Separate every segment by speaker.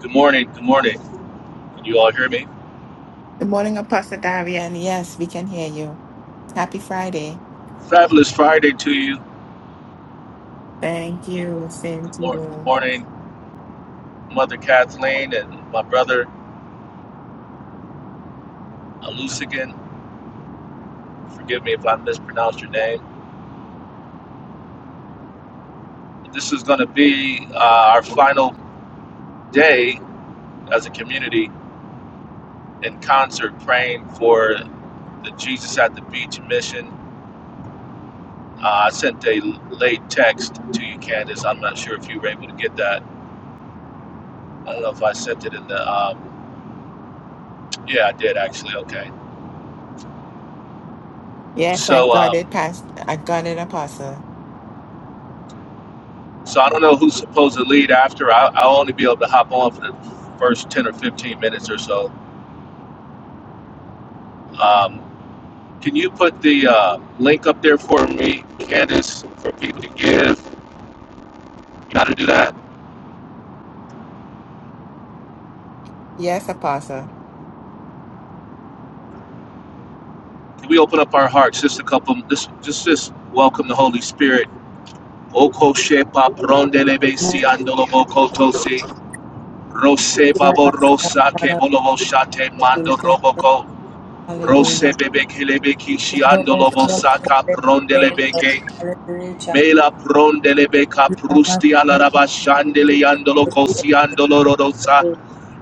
Speaker 1: Good morning. Good morning. Can you all hear me?
Speaker 2: Good morning, Apostle Darian. Yes, we can hear you. Happy Friday.
Speaker 1: Fabulous Friday to you.
Speaker 2: Thank you. Same
Speaker 1: Good,
Speaker 2: to
Speaker 1: mor- good
Speaker 2: you.
Speaker 1: morning, Mother Kathleen and my brother Alusigan. Forgive me if I mispronounced your name. This is going to be uh, our final day as a community in concert praying for the Jesus at the Beach mission. Uh, I sent a late text to you, Candace. I'm not sure if you were able to get that. I don't know if I sent it in the. Um, yeah, I did actually. Okay.
Speaker 2: Yes, I
Speaker 1: So.
Speaker 2: got
Speaker 1: Um,
Speaker 2: it, past. I got it, Apostle.
Speaker 1: So I don't know who's supposed to lead after. I, I'll only be able to hop on for the first 10 or 15 minutes or so. Um, can you put the uh, link up there for me, Candace, for people to give? You got to do that.
Speaker 2: Yes, Apostle.
Speaker 1: Can we open up our hearts just a couple, just, just, just welcome the Holy Spirit? Oko shepa prondelebe si andolo boko Rose babo
Speaker 3: Hallelujah.
Speaker 1: rosa ke bolobo shate mando roboko.
Speaker 3: Hallelujah.
Speaker 1: Rose
Speaker 3: Hallelujah.
Speaker 1: bebe kelebe kishi andolo bosaka prondelebe ke. Mela prondele beka prusti ala raba shandele yandolo kosi andolo rodosa.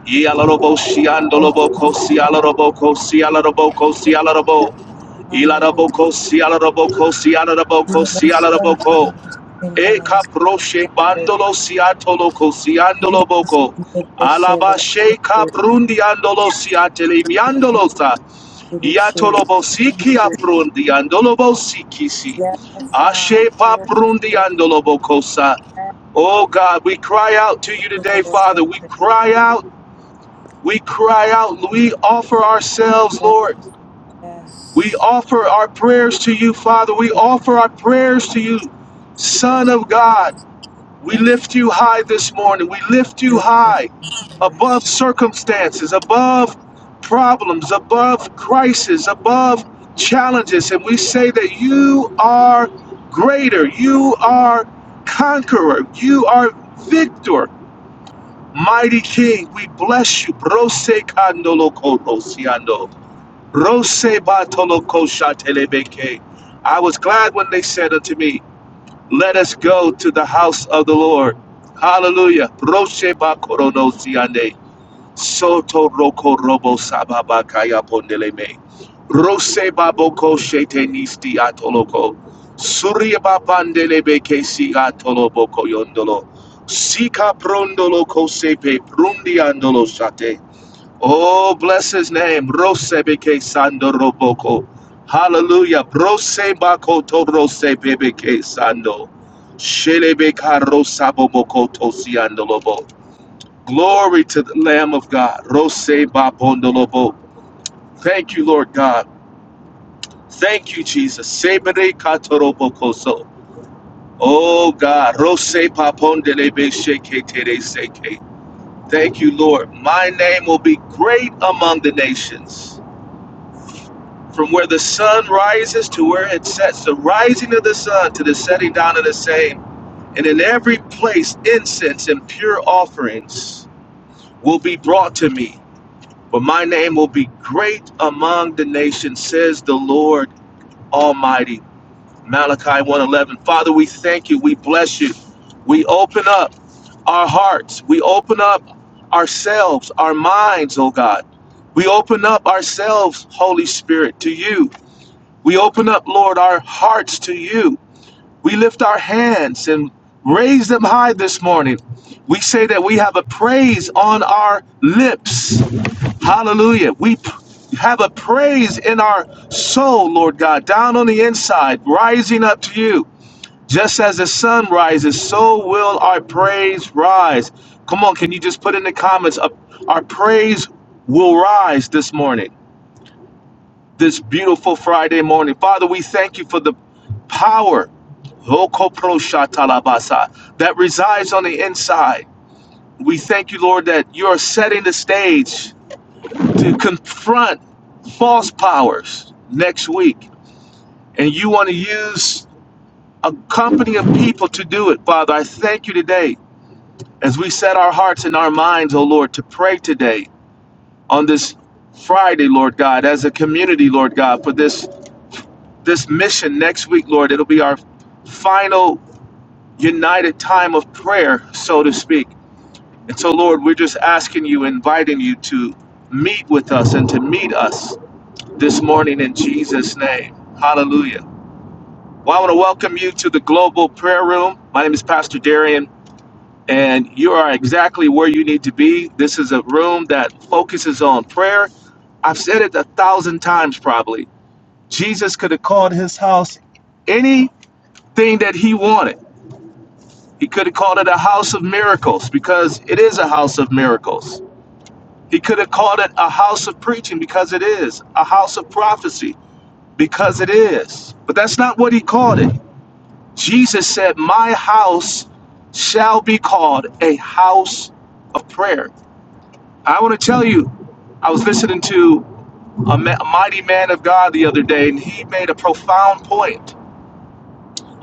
Speaker 1: Ye ala robo shi andolo bo kosi ala robo kosi ala robo kosi ala robo. Ila robo kosi ala robo kosi ala robo kosi ala robo ko.
Speaker 3: Santo
Speaker 1: Eka
Speaker 3: alabanza.
Speaker 1: proche bandolo siatolo cosiandolo boko
Speaker 3: Shelo.
Speaker 1: Alaba sheka brundi andolo siatele miandolo sa.
Speaker 3: Shelo.
Speaker 1: Iatolo bosiki aprundi andolo bosiki si.
Speaker 3: Yes, God.
Speaker 1: Ashe pa brundi andolo boco sa. Oh God, we cry out to you today, Father. We cry out. We cry out. We offer ourselves, Lord. We
Speaker 3: Yes.
Speaker 1: offer our prayers to you, Father. We offer our prayers to you, Son
Speaker 3: Yes.
Speaker 1: of God. We
Speaker 3: Yes,
Speaker 1: lift you high this morning. We lift you
Speaker 3: Lord.
Speaker 1: high above circumstances, above problems, above crises, above challenges. And we say that you are greater. You are conqueror. You are victor. Mighty King, we bless you. Brose kandolo korosiando. Rose batolo kosha I was glad when they said unto me, let us go to the house of the Lord. Hallelujah. Roche ba korono siande. Soto roko robo sababa kaya pondeleme. Rose baboko shete atoloko. Surya babandelebe kesi atoloboko yondolo. Sika prondolo kosepe prundiandolo shate. Oh, bless his name. Rosebeke Sando Roboko. Hallelujah. Brosebako to Rosebeke Sando. Shelebeka Rosabomoko to Siandolobo. Glory to the Lamb of God. Rosebapondolobo. Thank you, Lord God. Thank you, Jesus. Sebere Katorobokoso. Oh God. Rosepapondelebe Sheke Tere Seke. Thank you, Lord. My name will be great among the nations. From where the sun rises to where it sets, the rising of the sun to the setting down of the same. And in every place, incense and pure offerings will be brought to me. But my name will be great among the nations, says the Lord Almighty. Malachi one eleven. Father, we thank you. We bless you. We open up our hearts. We open up ourselves, our minds, oh God. We open up ourselves, Holy Spirit, to you we open up, Lord, our hearts to you. We lift our hands and raise them high this morning. We say that we have a praise on our lips. Hallelujah. We have a praise in our soul, Lord God, down on the inside, rising up to you. Just as the sun rises, so will our praise rise. Come on, can you just put in the comments, uh, our praise will rise this morning? this beautiful Friday morning. Father, we thank you for the power Hokoproshatalabasa, that resides on the inside. We thank you, Lord, that you are setting the stage to confront false powers next week. And you want to use a company of people to do it, Father. I thank you today as we set our hearts and our minds, oh Lord, to pray today on this Friday, Lord God, as a community, Lord God, for this this mission next week, Lord. It'll be our final united time of prayer, so to speak. And so, Lord, we're just asking you, inviting you to meet with us and to meet us this morning in Jesus' name. Hallelujah. Well, I want to welcome you to the Global Prayer Room. My name is Pastor Darian, and you are exactly where you need to be. This is a room that focuses on prayer. I've said it a thousand times probably. Jesus could have called his house any thing that he wanted. He could have called it a house of miracles because it is a house of miracles. He could have called it a house of preaching because it is, a house of prophecy because it is. But that's not what he called it. Jesus said, My house shall be called a house of prayer. I want to tell you, I was listening to a, ma- mighty man of God the other day, and he made a profound point.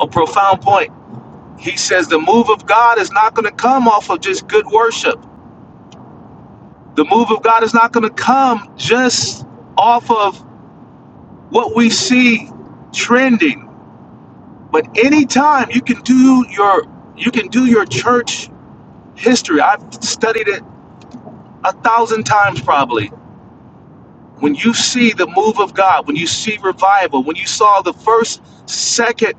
Speaker 1: A profound point. He says the move of God is not going to come off of just good worship. The move of God is not going to come just off of what we see trending. But anytime you can do your you can do your church history. I've studied it a thousand times probably. When you see the move of God, when you see revival, when you saw the first, second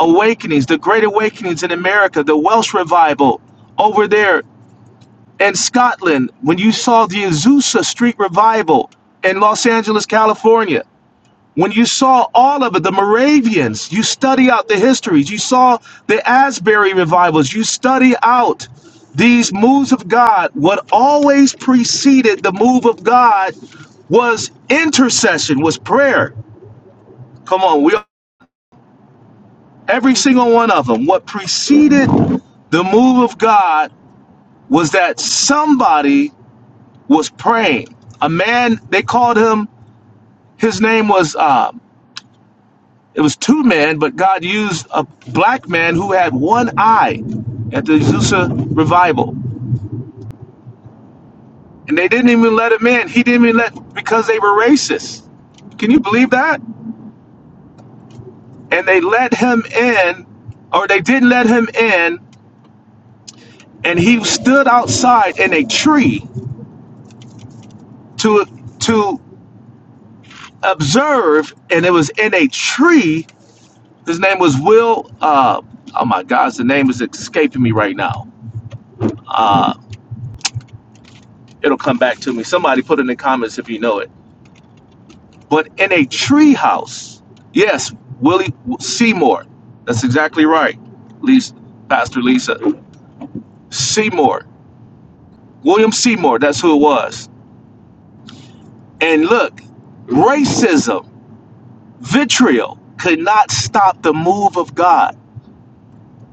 Speaker 1: awakenings, the great awakenings in America, the Welsh revival over there and Scotland, when you saw the Azusa Street Revival in Los Angeles, California, when you saw all of it, the Moravians, you study out the histories, you saw the Asbury revivals, you study out these moves of God. What always preceded the move of God was intercession, was prayer. Come on, we every single one of them. What preceded the move of God was that somebody was praying. A man, they called him, his name was, um, it was two men, but God used a black man who had one eye at the Azusa revival. And they didn't even let him in. He didn't even let, because they were racist. Can you believe that? And they let him in, or they didn't let him in, and he stood outside in a tree to to observe, and it was in a tree His name was Will. Uh, oh my gosh, the name is escaping me right now. It'll come back to me. Somebody put it in the comments if you know it. But in a treehouse, yes, Willie Seymour. That's exactly right, Lisa, Pastor Lisa Seymour, William Seymour. That's who it was. And look, racism, vitriol could not stop the move of God.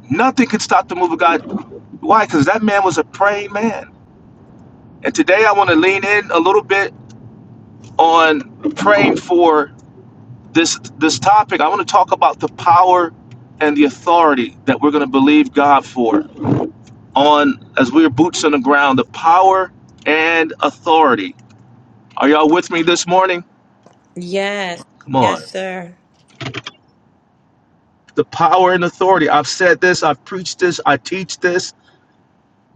Speaker 1: Nothing could stop the move of God. Why? Because that man was a praying man. And today I want to lean in a little bit on praying for this this topic, I want to talk about the power and the authority that we're going to believe God for on as we're boots on the ground, the power and authority. Are y'all with me this morning?
Speaker 3: Yes.
Speaker 1: Come on.
Speaker 3: Yes, sir.
Speaker 1: The power and authority. I've said this, I've preached this, I teach this.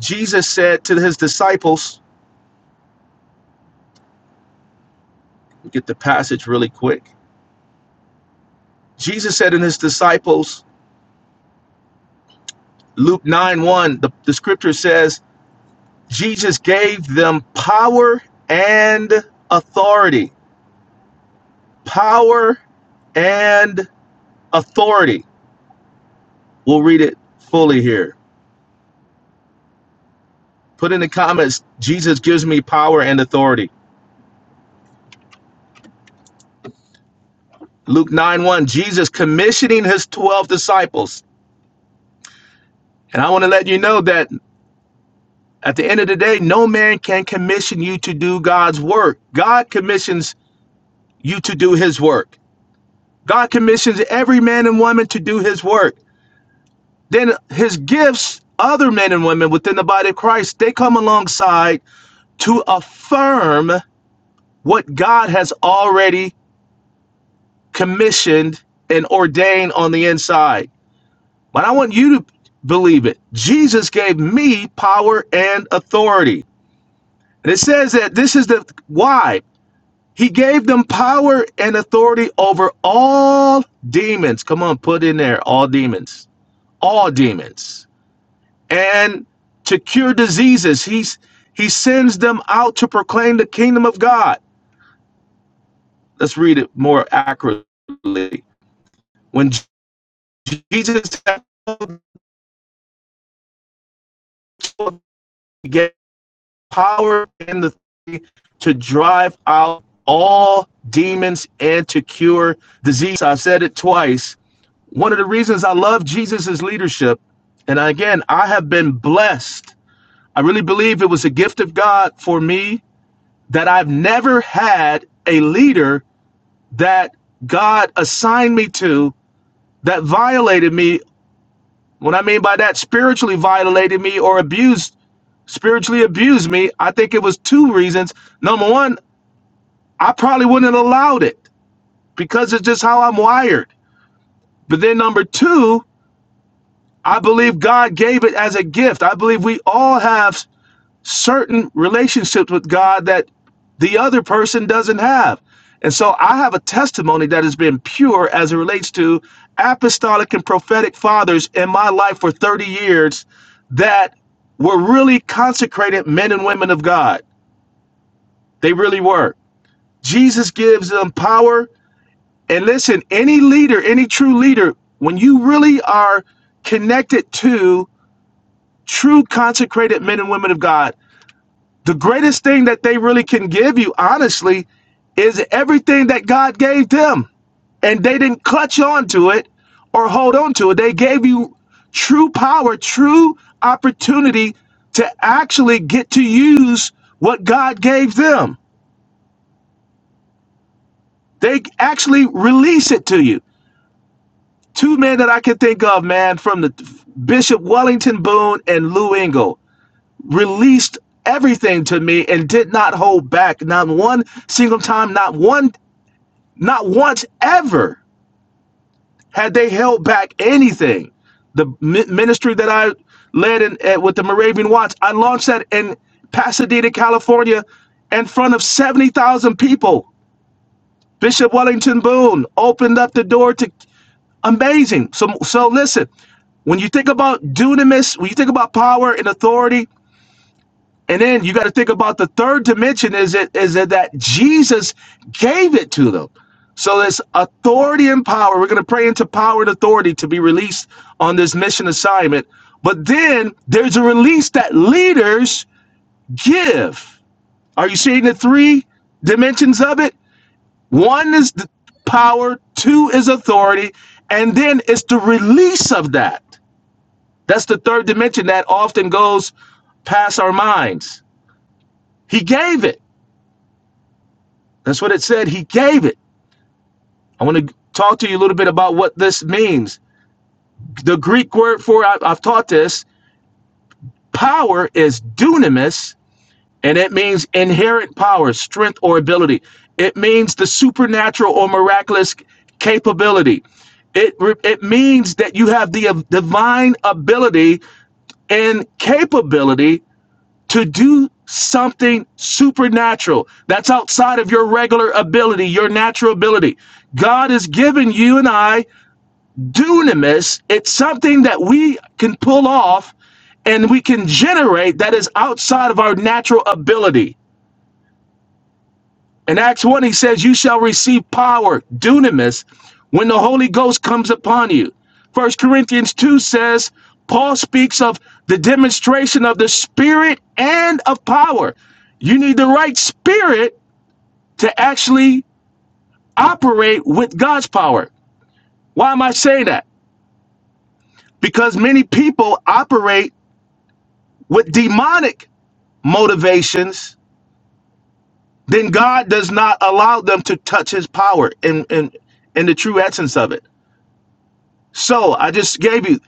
Speaker 1: Jesus said to his disciples, get the passage really quick. Jesus said in his disciples, Luke 9 1, the, the scripture says, Jesus gave them power and authority. Power and authority. We'll read it fully here. Put in the comments, Jesus gives me power and authority. Luke 9 1, Jesus commissioning his 12 disciples. And I want to let you know that at the end of the day, no man can commission you to do God's work. God commissions you to do his work. God commissions every man and woman to do his work. then his gifts, other men and women within the body of Christ, they come alongside to affirm what God has already commissioned and ordained on the inside. But I want you to believe it. Jesus gave me power and authority. And it says that this is the why. He gave them power and authority over all demons. Come on, put in there all demons. All demons and to cure diseases. He's he sends them out to proclaim the kingdom of God. Let's read it more accurately. When Jesus had gave power and the to drive out all demons and to cure disease. I've said it twice. One of the reasons I love Jesus's leadership, and again, I have been blessed. I really believe it was a gift of God for me that I've never had a leader that God assigned me to that violated me. What I mean by that, spiritually violated me or abused, spiritually abused me. I think it was two reasons. Number one, I probably wouldn't have allowed it because it's just how I'm wired. But then number two, I believe God gave it as a gift. I believe we all have certain relationships with God that the other person doesn't have. And so I have a testimony that has been pure as it relates to apostolic and prophetic fathers in my life for 30 years that were really consecrated men and women of God. They really were. Jesus gives them power. And listen, any leader, any true leader, when you really are connected to true consecrated men and women of God, The greatest thing that they really can give you, honestly, is everything that God gave them. And they didn't clutch on to it or hold on to it. They gave you true power, true opportunity to actually get to use what God gave them. They actually release it to you. Two men that I can think of, man, from the Bishop Wellington Boone and Lou Engle released everything to me and did not hold back. Not one single time, not one Not once ever had they held back anything. The ministry that I led in, eh, with the Moravian Watch, I launched that in Pasadena, California, in front of 70,000 people. Bishop Wellington Boone opened up the door to amazing. So, so listen, when you think about dunamis, when you think about power and authority, And then you got to think about the third dimension is it is it that Jesus gave it to them. So it's authority and power. We're going to pray into power and authority to be released on this mission assignment. But then there's a release that leaders give. Are you seeing the three dimensions of it? One is the power, two is authority, and then it's the release of that. That's the third dimension that often goes past our minds. He gave it. That's what it said. He gave it. I want to talk to you a little bit about what this means. The Greek word for I, I've taught this power is dunamis, and it means inherent power, strength, or ability. It means the supernatural or miraculous capability. It it means that you have the uh, divine ability and capability to do something supernatural that's outside of your regular ability, your natural ability. God has given you and I dunamis. It's something that we can pull off and we can generate that is outside of our natural ability. In Acts 1, he says, You shall receive power, dunamis, when the Holy Ghost comes upon you. First Corinthians 2 says, Paul speaks of the demonstration of the spirit and of power. You need the right spirit to actually operate with God's power. Why am I saying that? Because many people operate with demonic motivations, then God does not allow them to touch his power and, and, and the true essence of it. So I just gave you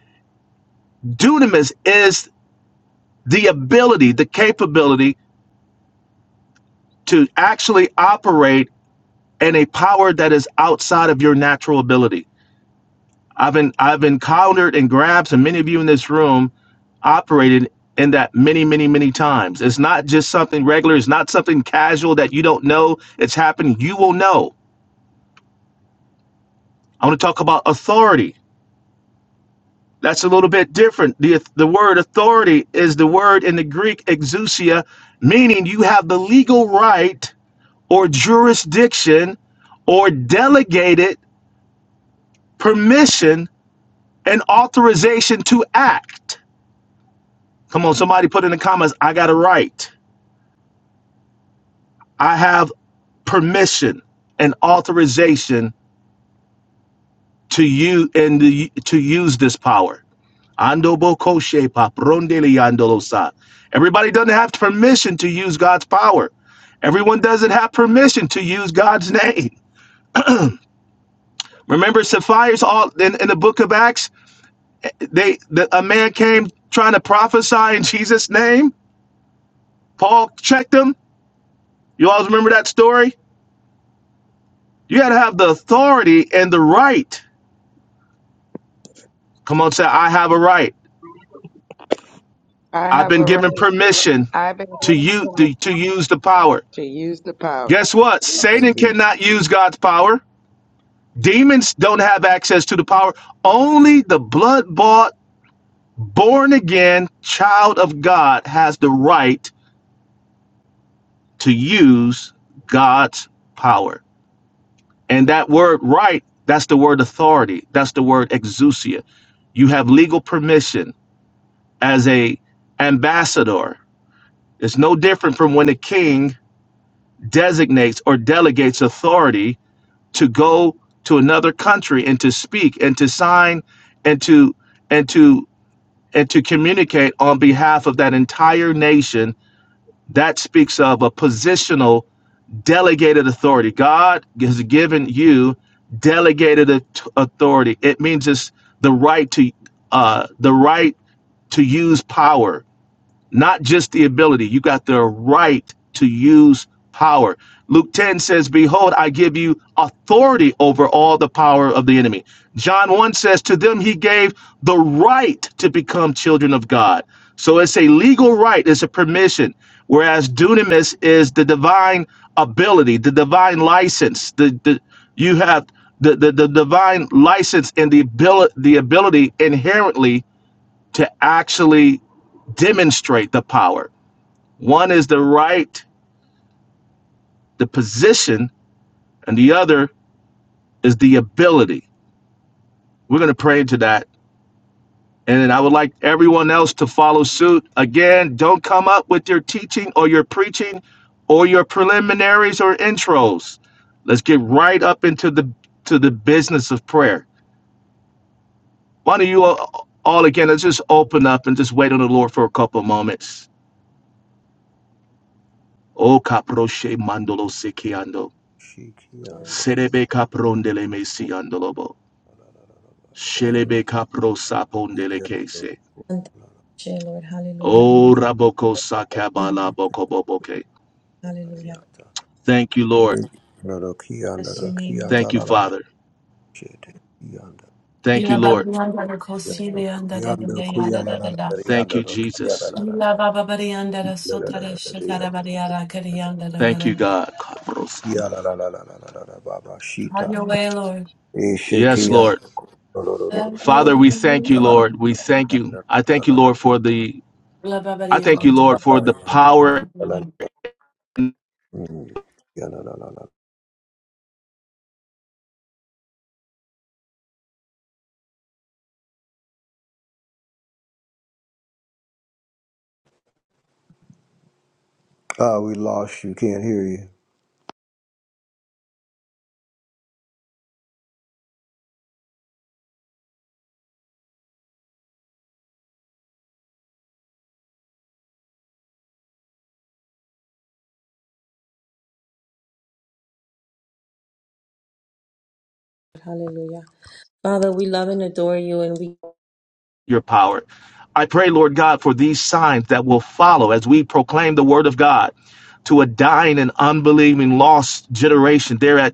Speaker 1: dunamis is the ability, the capability to actually operate in a power that is outside of your natural ability. I've been I've encountered and grabbed, and many of you in this room operated in that many, many, many times. It's not just something regular, it's not something casual that you don't know. It's happening. You will know. I want to talk about authority. That's a little bit different. The, the word authority is the word in the Greek exousia, meaning you have the legal right or jurisdiction or delegated permission and authorization to act. Come on, somebody put in the comments, I got a right. I have permission and authorization to you and to use this power. Ando boko shepa, prondele yandolosa. Everybody doesn't have permission to use God's power. Everyone doesn't have permission to use God's name. Remember Sapphire's all in, in the book of Acts, they the, a man came trying to prophesy in Jesus' name. Paul checked him. You all remember that story? You gotta have the authority and the right. Come on, say, I have a right.
Speaker 4: I
Speaker 1: I've
Speaker 4: have
Speaker 1: been
Speaker 4: a
Speaker 1: given
Speaker 4: right.
Speaker 1: permission
Speaker 4: I've been
Speaker 1: to
Speaker 4: given
Speaker 1: use to,
Speaker 4: permission
Speaker 1: to use the power.
Speaker 4: to use the power.
Speaker 1: Guess what?
Speaker 5: I
Speaker 1: Satan
Speaker 5: be
Speaker 1: cannot use God's power. Demons don't have access to the power. Only the blood bought, born again child of God has the right to use God's power. And that word right, that's the word authority. That's the word exousia. You have legal permission as a ambassador. It's no different from when a king designates or delegates authority to go to another country and to speak and to sign and to and to and to communicate on behalf of that entire nation. That speaks of a positional delegated authority. God has given you delegated authority. It means it's the right to uh, the right to use power not just the ability. You got the right to use power. Luke 10 says, Behold, I give you authority over all the power of the enemy. John 1 says, To them he gave the right to become children of God. So it's a legal right, it's a permission. Whereas dunamis is the divine ability, the divine license. The, the you have the, the, the divine license and the ability the ability inherently to actually demonstrate the power. One is the right, the position, and the other is the ability. We're going to pray into that. And I would like everyone else to follow suit. Again, don't come up with your teaching or your preaching or your preliminaries or intros. Let's get right up into the to the business of prayer. Why don't you all, all again, let's just open up and just wait on the Lord for a couple of moments. Oh, caproche mandolo sicchiando.
Speaker 5: Shiki and
Speaker 1: Serebe caprondele
Speaker 5: the
Speaker 1: mesiandolobo.
Speaker 3: Glory.
Speaker 1: Shelebe kapro sapondele kese.
Speaker 3: And thank you, Lord. Hallelujah.
Speaker 1: O
Speaker 3: Glory.
Speaker 1: raboko sakabala
Speaker 5: the
Speaker 1: bokoboboke.
Speaker 3: Hallelujah.
Speaker 1: Thank you, Lord.
Speaker 5: the Naroki and the
Speaker 3: Bless your name, Lord.
Speaker 5: Rakiata
Speaker 1: Thank you,
Speaker 5: la la
Speaker 1: Father.
Speaker 5: Shete and
Speaker 1: Thank you,
Speaker 6: Ila
Speaker 3: Hallelujah.
Speaker 6: baba
Speaker 1: Lord.
Speaker 6: yanda
Speaker 3: Thank
Speaker 6: da
Speaker 3: you,
Speaker 6: kosi le
Speaker 3: Lord.
Speaker 5: the
Speaker 6: yanda da da da
Speaker 5: Yando Kuya
Speaker 6: yada
Speaker 5: la
Speaker 6: da
Speaker 5: la
Speaker 6: da da.
Speaker 1: Thank
Speaker 5: Yando
Speaker 1: you,
Speaker 5: Rokia
Speaker 1: Jesus.
Speaker 5: la la
Speaker 6: Ila baba bari yanda da sota da shaka da bari yada kari yanda da
Speaker 1: Thank
Speaker 6: gada
Speaker 1: you,
Speaker 6: da. da.
Speaker 1: God. Kapros.
Speaker 5: Yala la la la la la la and and and Baba
Speaker 6: Have
Speaker 5: Shita,
Speaker 6: your
Speaker 3: Hallelujah.
Speaker 6: way, Lord.
Speaker 1: Yes,
Speaker 5: Eshekia,
Speaker 1: Lord.
Speaker 3: Yes,
Speaker 6: Have your
Speaker 1: Father, we thank
Speaker 6: way.
Speaker 1: you, Lord. We thank you. I thank you, Lord, for the
Speaker 6: Ila baba
Speaker 1: I
Speaker 6: bari
Speaker 1: thank you,
Speaker 6: yanda
Speaker 1: Lord, for the power.
Speaker 6: da.
Speaker 5: Uh, we lost you. Can't hear you.
Speaker 3: Lord. Hallelujah. Father, we love and adore you and we
Speaker 1: your power. I pray, Lord God, for these signs that will follow as we proclaim the word of God to a dying and unbelieving lost generation there at,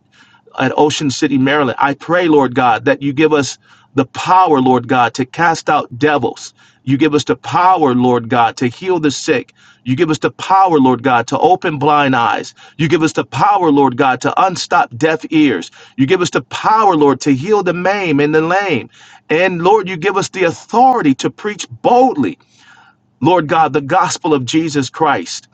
Speaker 1: at Ocean City, Maryland. I pray, Lord God, that you give us the power, Lord God, to cast out devils. You give us the power, Lord God, to heal the sick. You give us the power, Lord God, to open blind eyes. You give us the power, Lord God, to unstop deaf ears. You give us the power, Lord, to heal the maimed and the lame. And Lord, you give us the authority to preach boldly, Lord God, the gospel of Jesus Christ.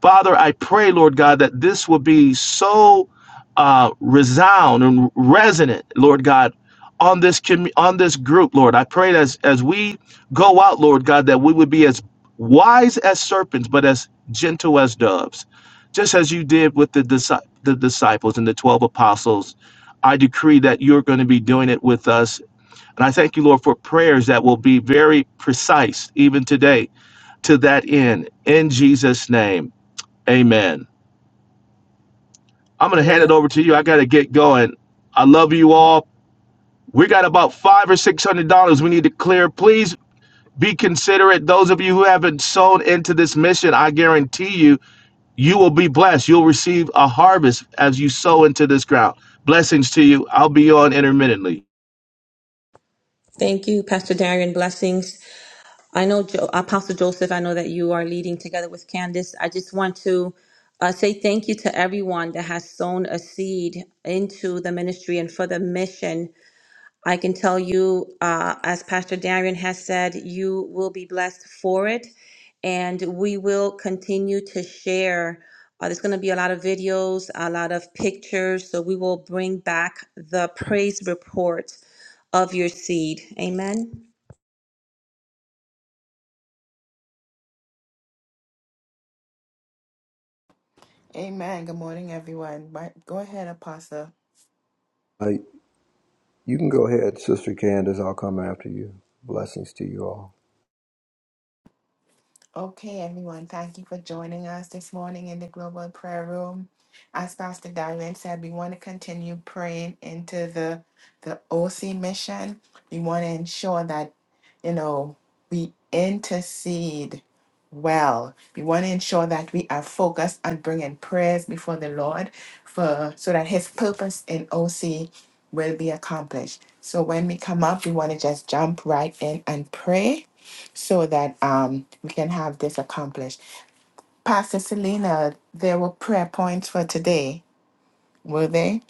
Speaker 1: Father, I pray, Lord God, that this will be so uh, resound and resonant, Lord God, on this commu- on this group, Lord. I pray that as as we go out, Lord God, that we would be as wise as serpents, but as gentle as doves, just as you did with the disci- the disciples and the twelve apostles. I decree that you're going to be doing it with us and I thank you, Lord, for prayers that will be very precise even today to that end. In Jesus' name, amen. I'm going to hand it
Speaker 3: hallelujah.
Speaker 1: over to you. I got to get going. I love you all. We got about five or six hundred dollars we need to clear. Please be considerate. Those of you who haven't sown into this mission, I guarantee you, you will be blessed. You'll receive a harvest as you sow into this ground. Blessings to you. I'll be on intermittently.
Speaker 3: Thank you, Pastor Darian. Blessings. I know jo- Apostle Joseph, I know that you are leading together with Candace. I just want to uh, say thank you to everyone that has sown a seed into the ministry and for the mission I can tell you, uh, as Pastor Darian has said, you will be blessed for it. And we will continue to share. Uh, there's going to be a lot of videos, a lot of pictures. So we will bring back the praise report of your seed. Amen.
Speaker 2: Amen. Good morning, everyone. Right, Go ahead, Apostle.
Speaker 5: Uh, you can go ahead, Sister Candace. I'll come after you. Blessings to you all.
Speaker 2: Okay, everyone, thank you for joining us this morning in the Global Prayer Room. As Pastor Darwin said, we want to continue praying into the the OC mission. We want to ensure that, you know, we intercede well. We want to ensure that we are focused on bringing prayers before the Lord for so that His purpose in OC will be accomplished. So when we come up, we want to just jump right in and pray so that um, we can have this accomplished. Pastor Selena, there were prayer points for today, were they?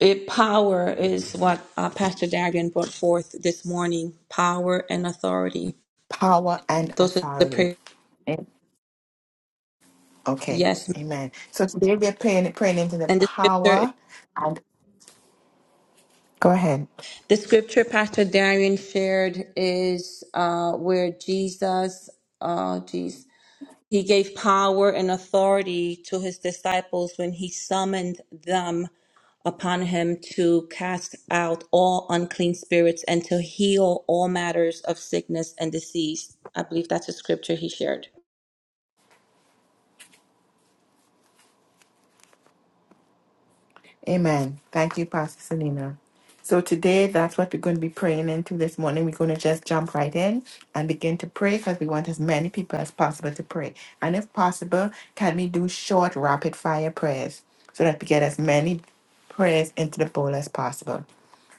Speaker 3: It, power is what uh, Pastor Darian brought forth this morning power and authority.
Speaker 2: Power and
Speaker 3: Those are the
Speaker 2: authority.
Speaker 3: prayers.
Speaker 2: Mm. Okay,
Speaker 3: Yes.
Speaker 2: amen. So today we're praying, praying into the
Speaker 3: And the scripture
Speaker 2: power and go ahead.
Speaker 3: The scripture Pastor Darian shared is uh, where Jesus, uh, geez, he gave power and authority to his disciples when he summoned them upon him to cast out all unclean spirits and to heal all matters of sickness and disease. I believe that's a scripture he shared.
Speaker 2: Amen. Thank you, Pastor Selena. So today, that's what we're going to be praying into this morning. We're going to just jump right in and begin to pray because we want as many people as possible to pray. And if possible, can we do short, rapid fire prayers so that we get as many prayers into the bowl as possible?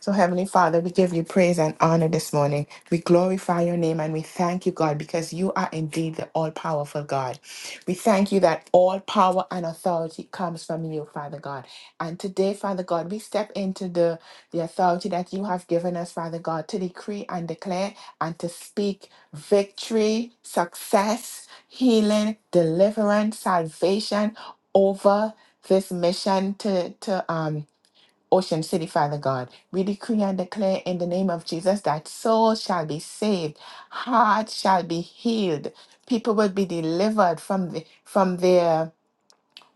Speaker 2: So, Heavenly Father, we give you praise and honor this morning. We glorify your name and we thank you, God, because you are indeed the all powerful God. We thank you that all power and authority comes from you, Father God. And today, Father God, we step into the, the authority that you have given us, Father God, to decree and declare and to speak victory, success, healing, deliverance, salvation over this mission to, to, um, Ocean City, Father God. We decree and declare in the name of Jesus that souls shall be saved, hearts shall be healed, people will be delivered from the from their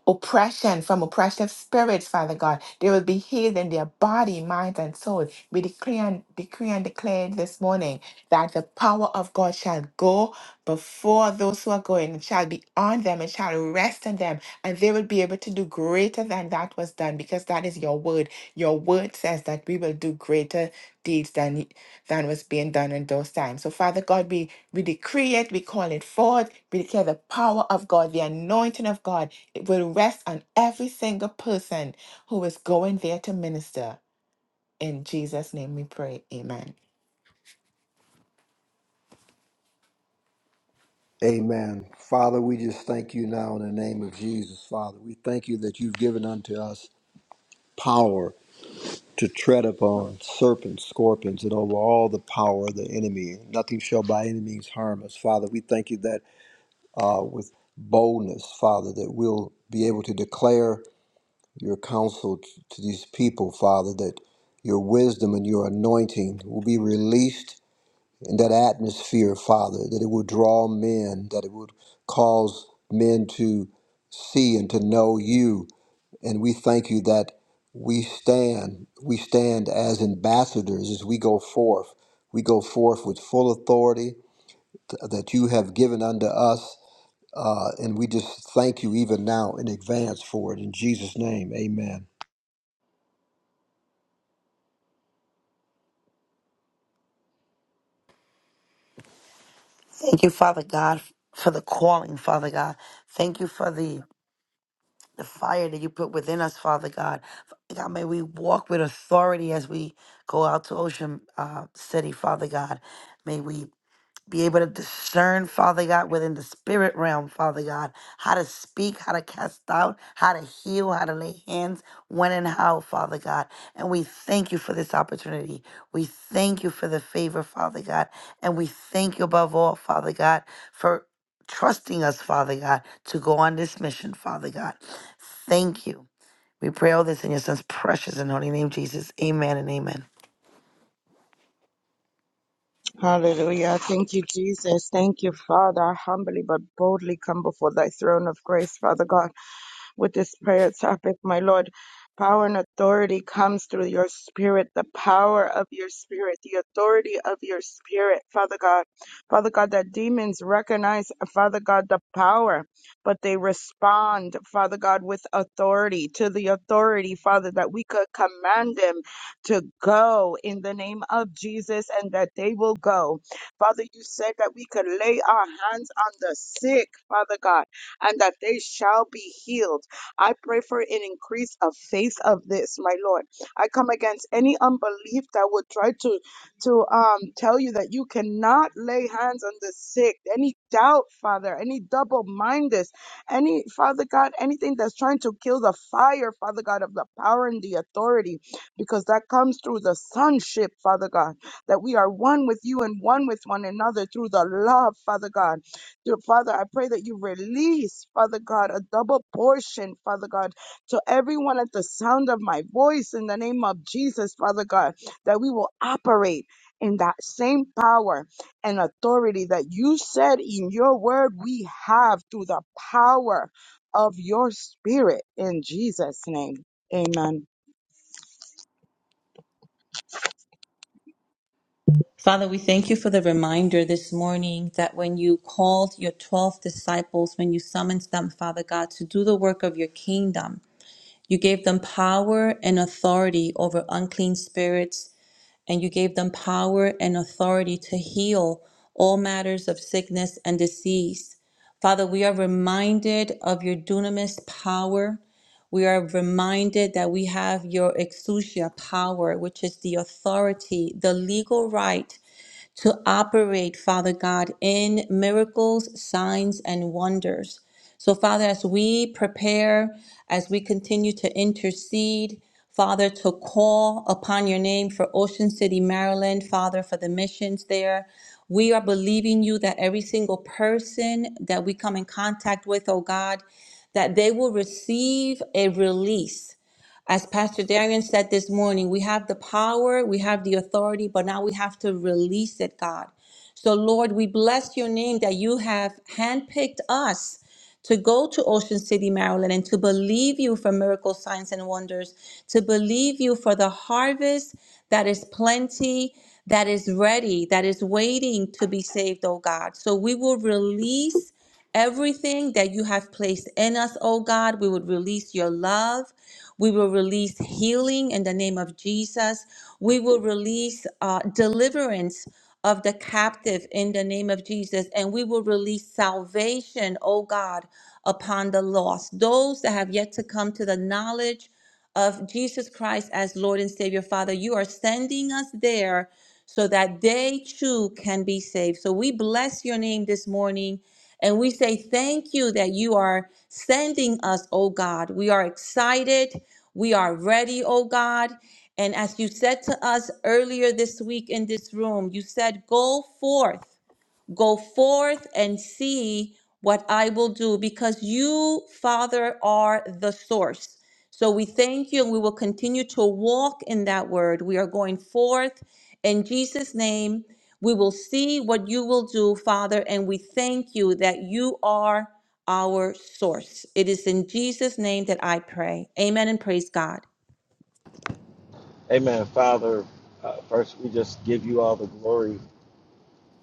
Speaker 2: oppression, from oppressive spirits, Father God. They will be healed in their body, mind, and soul. We decree and decree and declare this morning that the power of God shall go before those who are going, it shall be on them, it shall rest on them, and they will be able to do greater than that was done, because that is your word. Your word says that we will do greater deeds than than was being done in those times. So Father God, we we decree it, we call it forth, we declare the power of God, the anointing of God it will rest on every single person who is going there to minister. In Jesus' name we pray. Amen.
Speaker 5: Amen. Father, we just thank you now in the name of Jesus, Father. We thank you that you've given unto us power to tread upon serpents, scorpions, and over all the power of the enemy. Nothing shall by any means harm us, Father. We thank you that uh, with boldness, Father, that we'll be able to declare your counsel t- to these people, Father, that your wisdom and your anointing will be released in that atmosphere, Father, that it will draw men, that it would cause men to see and to know you. And we thank you that we stand, we stand as ambassadors as we go forth. We go forth with full authority th- that you have given unto us. Uh, and we just thank you even now in advance for it. In Jesus' name, amen.
Speaker 7: Thank you, Father God, for the calling, Father God. Thank you for the, the fire that you put within us, Father God. Father God, may we walk with authority as we go out to Ocean uh, City, Father God. May we be able to discern, Father God, within the spirit realm, Father God, how to speak, how to cast out, how to heal, how to lay hands, when and how, Father God. And we thank you for this opportunity. We thank you for the favor, Father God. And we thank you above all, Father God, for trusting us, Father God, to go on this mission, Father God. Thank you. We pray all this in your son's precious and holy name, Jesus. Amen and amen.
Speaker 4: Hallelujah. Thank you, Jesus. Thank you, Father. I humbly but boldly come before thy throne of grace, Father God, with this prayer topic, my Lord. Power and authority comes through your spirit, the power of your spirit, the authority of your spirit, Father God. Father God, that demons recognize, Father God, the power, but they respond, Father God, with authority to the authority, Father, that we could command them to go in the name of Jesus and that they will go. Father, you said that we could lay our hands on the sick, Father God, and that they shall be healed. I pray for an increase of faith of this, my Lord. I come against any unbelief that would try to to um tell you that you cannot lay hands on the sick. Any doubt, Father, any double-mindedness, any Father God, anything that's trying to kill the fire, Father God, of the power and the authority because that comes through the sonship, Father God, that we are one with you and one with one another through the love, Father God. Dear Father, I pray that you release, Father God, a double portion, Father God, to everyone at the sound of my voice in the name of Jesus, Father God, that we will operate in that same power and authority that you said in your word we have through the power of your spirit in Jesus' name. Amen.
Speaker 3: Father, we thank you for the reminder this morning that when you called your 12 disciples, when you summoned them, Father God, to do the work of your kingdom, You gave them power and authority over unclean spirits, and you gave them power and authority to heal all matters of sickness and disease. Father, we are reminded of your dunamis power. We are reminded that we have your exousia power, which is the authority, the legal right to operate, Father God, in miracles, signs, and wonders. So, Father, as we prepare, as we continue to intercede, Father, to call upon your name for Ocean City, Maryland, Father, for the missions there. We are believing you that every single person that we come in contact with, oh God, that they will receive a release as Pastor Darian said this morning, we have the power, we have the authority, but now we have to release it, God. So, Lord, we bless your name that you have handpicked us to go to Ocean City, Maryland, and to believe you for miracle signs and wonders, to believe you for the harvest that is plenty, that is ready, that is waiting to be saved, oh God. So we will release Everything that you have placed in us, oh God, we would release your love. We will release healing in the name of Jesus. We will release uh, deliverance of the captive in the name of Jesus. And we will release salvation, oh God, upon the lost, those that have yet to come to the knowledge of Jesus Christ as Lord and Savior, Father, you are sending us there so that they too can be saved. So we bless your name this morning and we say thank you that you are sending us, oh God. We are excited. We are ready, oh God. And as you said to us earlier this week in this room, you said, Go forth. Go forth and see what I will do because you, Father, are the source. So we thank you and we will continue to walk in that word. We are going forth in Jesus' name. We will see what you will do, Father, and we thank you that you are our source. It is in Jesus' name that I pray. Amen and praise God.
Speaker 8: Amen. Father, uh, first we just give you all the glory,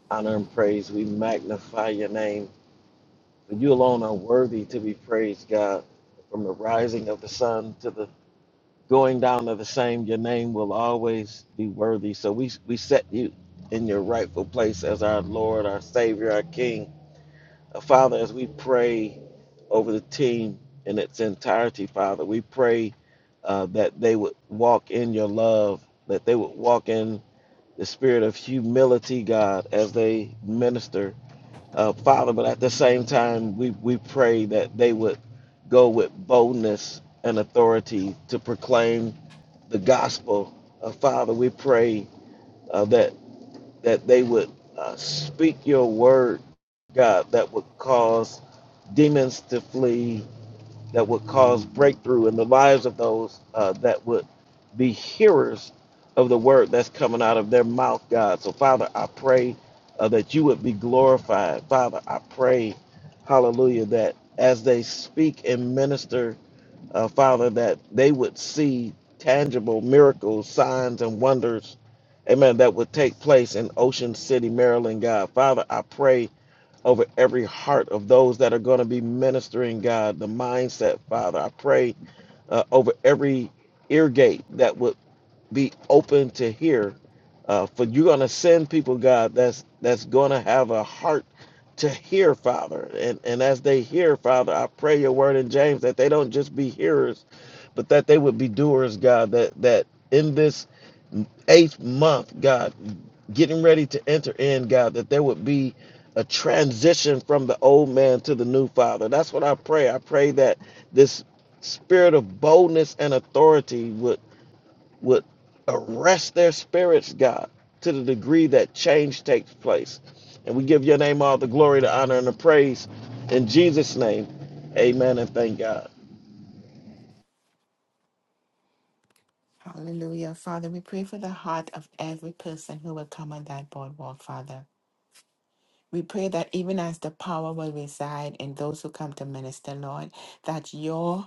Speaker 8: honor, and praise. We magnify your name. For you alone are worthy to be praised, God. From the rising of the sun to the going down of the same, your name will always be worthy. So we, we set you in your rightful place as our Lord, our Savior, our King. Uh, Father, as we pray over the team in its entirety, Father, we pray uh, that they would walk in your love, that they would walk in the spirit of humility, God, as they minister, uh, Father. But at the same time, we, we pray that they would go with boldness and authority to proclaim the gospel. Uh, Father, we pray uh, that that they would uh, speak your word, God, that would cause demons to flee, that would cause breakthrough in the lives of those uh, that would be hearers of the word that's coming out of their mouth, God. So, Father, I pray uh, that you would be glorified. Father, I pray, hallelujah, that as they speak and minister, uh, Father, that they would see tangible miracles, signs, and wonders, amen, that would take place in Ocean City, Maryland, God. Father, I pray over every heart of those that are going to be ministering, God, the mindset, Father. I pray uh, over every ear gate that would be open to hear. Uh, for you're going to send people, God, that's that's going to have a heart to hear, Father. And and as they hear, Father, I pray your word in James that they don't just be hearers, but that they would be doers, God. That that in this eighth month, God, getting ready to enter in, God, that there would be a transition from the old man to the new father. That's what I pray. I pray that this spirit of boldness and authority would would arrest their spirits, God, to the degree that change takes place. And we give your name all the glory, the honor, and the praise. In Jesus' name, amen and thank God.
Speaker 2: Hallelujah. Father, we pray for the heart of every person who will come on that boardwalk, Father. We pray that even as the power will reside in those who come to minister, Lord, that your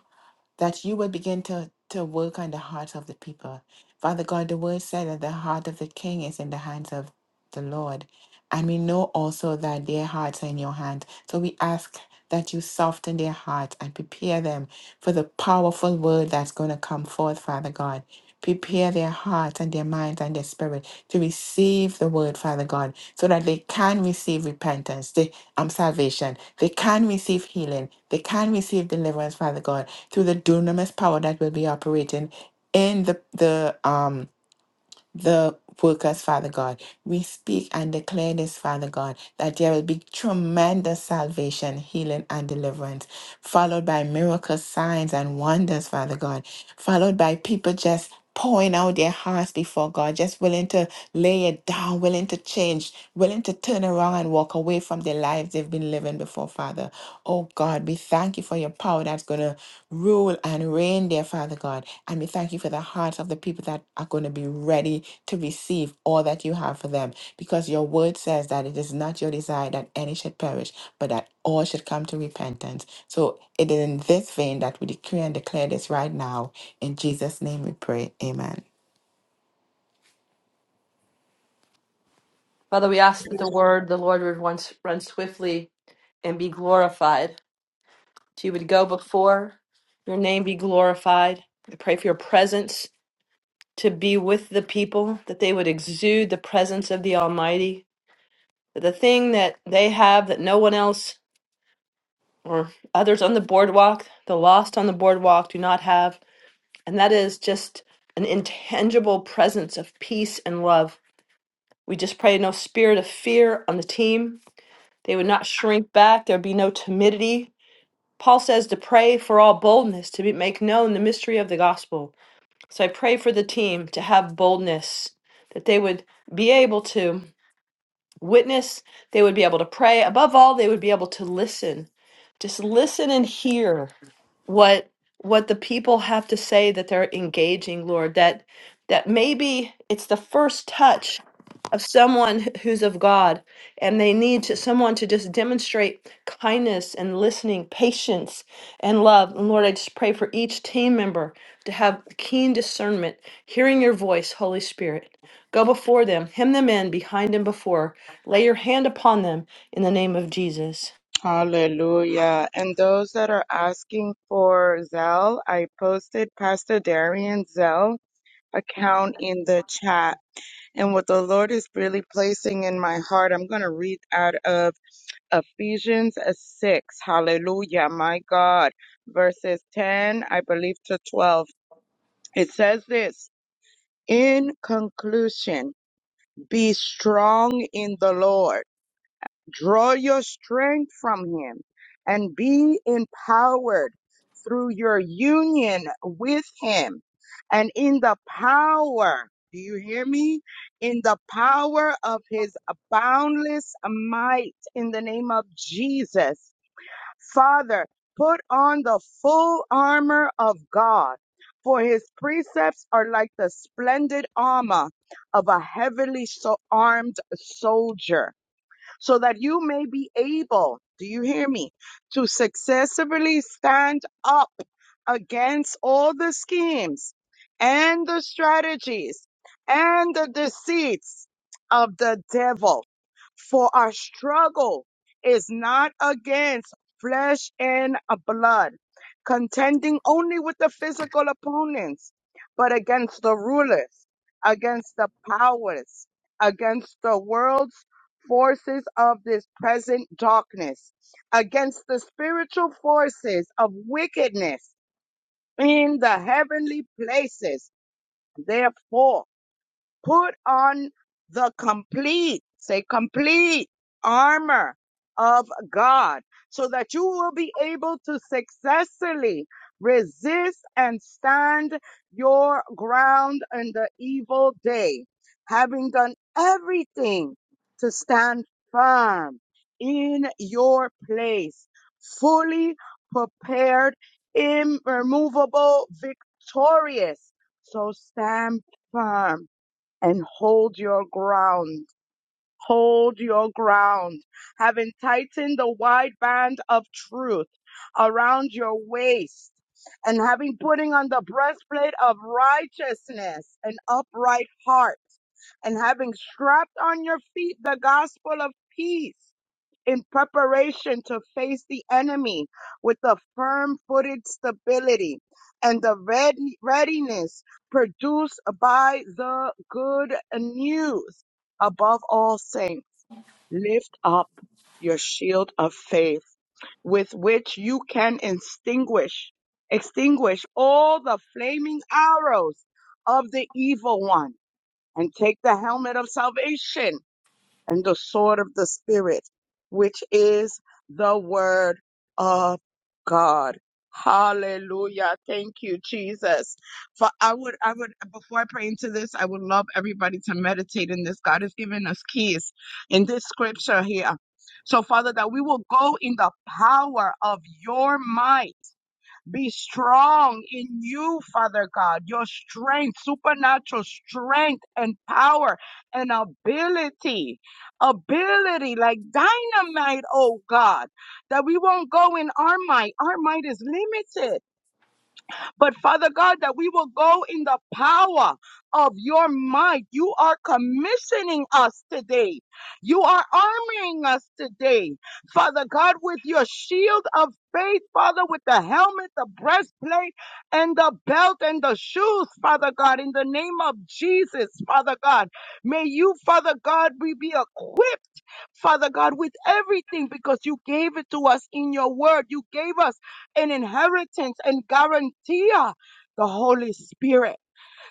Speaker 2: that you would begin to, to work on the hearts of the people. Father God, the word said that the heart of the king is in the hands of the Lord. And we know also that their hearts are in your hands. So we ask that you soften their hearts and prepare them for the powerful word that's going to come forth, Father God. Prepare their hearts and their minds and their spirit to receive the word, Father God, so that they can receive repentance, they, um, salvation. They can receive healing. They can receive deliverance, Father God through the dunamis power that will be operating in the the um the workers, Father God. We speak and declare this, Father God, that there will be tremendous salvation, healing, and deliverance, followed by miracles, signs, and wonders, Father God, followed by people just pouring out their hearts before God, just willing to lay it down, willing to change, willing to turn around and walk away from the lives they've been living before, Father. Oh God, we thank you for your power that's going to rule and reign, dear Father God. And we thank you for the hearts of the people that are going to be ready to receive all that you have for them. Because your word says that it is not your desire that any should perish, but that all should come to repentance. So it is in this vein that we decree and declare this right now. In Jesus' name we pray. Amen.
Speaker 6: Father, we ask that the word the Lord would run, run swiftly and be glorified. That you would go before, your name be glorified. I pray for your presence to be with the people, that they would exude the presence of the Almighty the thing that they have that no one else or others on the boardwalk, the lost on the boardwalk, do not have, and that is just an intangible presence of peace and love. We just pray no spirit of fear on the team. They would not shrink back. There'd be no timidity. Paul says to pray for all boldness to be, make known the mystery of the gospel. So I pray for the team to have boldness, that they would be able to. witness, they would be able to pray. Above all, they would be able to listen. Just listen and hear what what the people have to say that they're engaging, Lord, that that maybe it's the first touch of someone wh- who's of God and they need to, someone to just demonstrate kindness and listening, patience and love. And Lord, I just pray for each team member to have keen discernment, hearing your voice, Holy Spirit. Go before them, hem them in, behind and before, Lay your hand upon them in the name of Jesus.
Speaker 4: Hallelujah. And those that are asking for Zelle, I posted Pastor Darian's Zelle account in the chat. And what the Lord is really placing in my heart, I'm going to read out of Ephesians uh, 6. Hallelujah. My God. Verses 10, I believe, to 12. It says this. In conclusion, be strong in the Lord. Draw your strength from Him and be empowered through your union with Him and in the power. Do you hear me? In the power of His boundless might in the name of Jesus. Father, put on the full armor of God, for his precepts are like the splendid armor of a heavily so armed soldier so that you may be able, do you hear me, to successfully stand up against all the schemes and the strategies and the deceits of the devil. For our struggle is not against flesh and blood, contending only with the physical opponents, but against the rulers, against the powers, against the world forces of this present darkness, against the spiritual forces of wickedness in the heavenly places. Therefore, put on the complete, say complete armor of God so that you will be able to successfully resist and stand your ground in the evil day, having done everything to stand firm in your place, fully prepared, immovable, victorious. So stand firm and hold your ground. Hold your ground. Having tightened the wide band of truth around your waist and having putting on the breastplate of righteousness an upright heart and having strapped on your feet the gospel of peace in preparation to face the enemy with a firm footed stability and the ready- readiness produced by the good news. Above all, saints, lift up your shield of faith with which you can extinguish, extinguish all the flaming arrows of the evil one and take the helmet of salvation and the sword of the Spirit, which is the word of God. Hallelujah. Thank you, Jesus. For I would, I would, before I pray into this, I would love everybody to meditate in this. God has given us keys in this scripture here. So, Father, that we will go in the power of your might be strong in you, Father God, your strength, supernatural strength and power and ability, ability like dynamite, oh God, that we won't go in our might. Our might is limited but Father God, that we will go in the power of your might. You are commissioning us today. You are arming us today. Father God, with your shield of faith, Father, with the helmet, the breastplate, and the belt and the shoes, Father God, in the name of Jesus, Father God. May you, Father God, we be equipped. Father God, with everything because you gave it to us in your word. You gave us an inheritance and guarantee uh, the Holy Spirit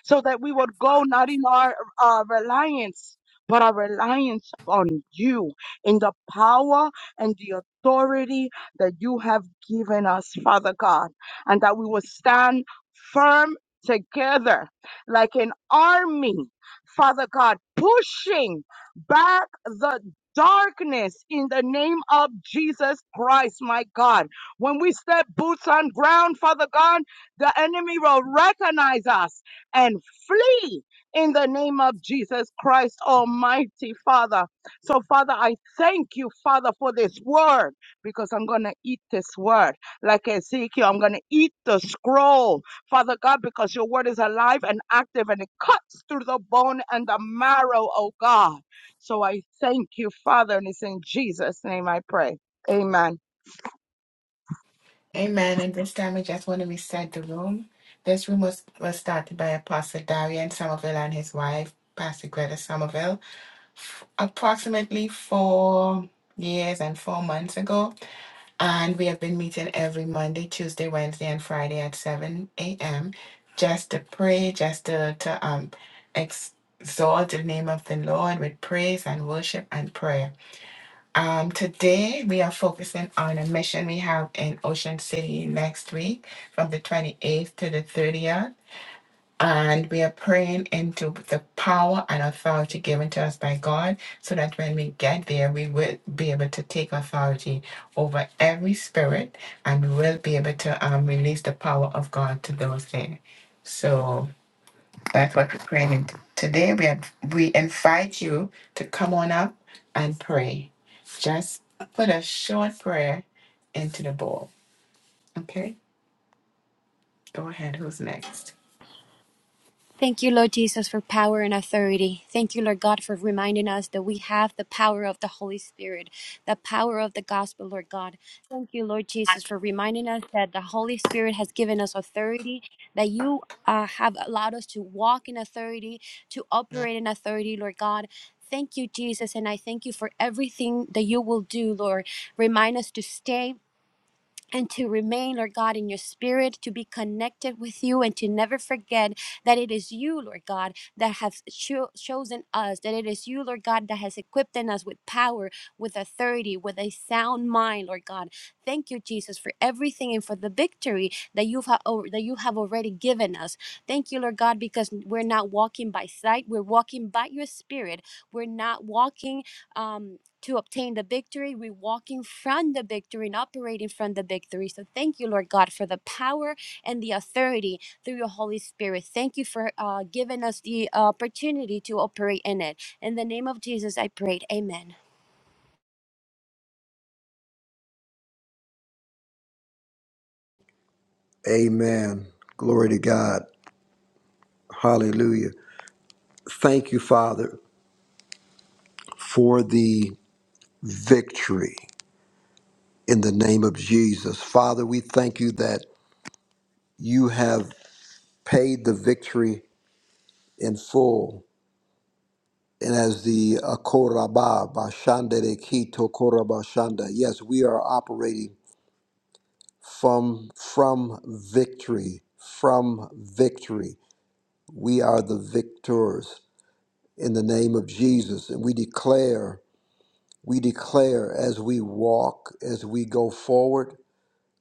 Speaker 4: so that we would go not in our uh, reliance, but our reliance on you in the power and the authority that you have given us, Father God, and that we will stand firm together like an army, Father God, pushing back the darkness in the name of Jesus Christ, my God. When we step boots on ground, Father God, the enemy will recognize us and flee in the name of Jesus Christ, Almighty Father. So, Father, I thank you, Father, for this word because I'm going to eat this word like Ezekiel. I'm going to eat the scroll, Father God, because your word is alive and active and it cuts through the bone and the marrow, oh God. So, I thank you, Father, and it's in Jesus' name I pray. Amen.
Speaker 2: Amen. And this time I just want to reset the room. This room was, was started by Apostle Darian Somerville and his wife, Pastor Greta Somerville, f- approximately four years and four months ago. And we have been meeting every Monday, Tuesday, Wednesday, and Friday at 7 a.m. just to pray, just to, to um, exalt the name of the Lord with praise and worship and prayer. Um, today we are focusing on a mission we have in Ocean City next week from the 28th to the 30th. And we are praying into the power and authority given to us by God so that when we get there, we will be able to take authority over every spirit and we will be able to um, release the power of God to those there. So that's what we're praying. And Today we have, we invite you to come on up and pray. Just put a short prayer into the bowl. Okay? Go ahead. Who's next?
Speaker 9: Thank you, Lord Jesus, for power and authority. Thank you, Lord God, for reminding us that we have the power of the Holy Spirit, the power of the gospel, Lord God. Thank you, Lord Jesus, for reminding us that the Holy Spirit has given us authority, that you uh, have allowed us to walk in authority, to operate in authority, Lord God. Thank you, Jesus, and I thank you for everything that you will do, Lord. Remind us to stay and to remain, Lord God, in your spirit, to be connected with you, and to never forget that it is you, Lord God, that have cho- chosen us, that it is you, Lord God, that has equipped in us with power, with authority, with a sound mind, Lord God. Thank you, Jesus, for everything and for the victory that you've ha- o- that you have already given us. Thank you, Lord God, because we're not walking by sight, we're walking by your spirit. We're not walking. Um, to obtain the victory. We're walking from the victory and operating from the victory. So thank you, Lord God, for the power and the authority through your Holy Spirit. Thank you for uh, giving us the opportunity to operate in it. In the name of Jesus, I prayed. Amen.
Speaker 5: Amen. Glory to God. Hallelujah. Thank you, Father, for the victory in the name of Jesus. Father, we thank you that you have paid the victory in full. And as the uh, Koraba Bashanda de Kito Koraba Shanda, yes, we are operating from from victory, from victory. We are the victors in the name of Jesus, and we declare We declare as we walk, as we go forward,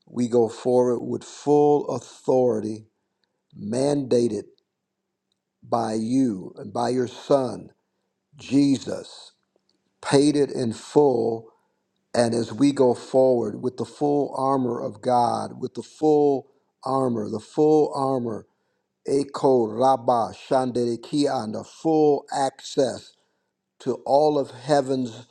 Speaker 5: we go forward with full authority mandated by you and by your Son, Jesus, paid it in full. And as we go forward with the full armor of God, with the full armor, the full armor, Eko Rabba Shandere Kia, and the full access to all of heaven's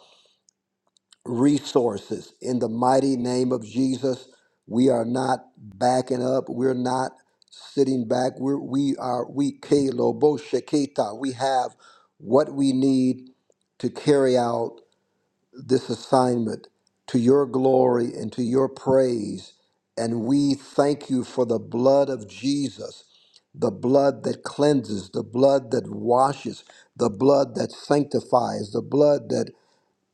Speaker 5: resources in the mighty name of Jesus. We are not backing up. We're not sitting back. We're, we are we Lobo Shekita. We have what we need to carry out this assignment to your glory and to your praise. And we thank you for the blood of Jesus, the blood that cleanses, the blood that washes, the blood that sanctifies, the blood that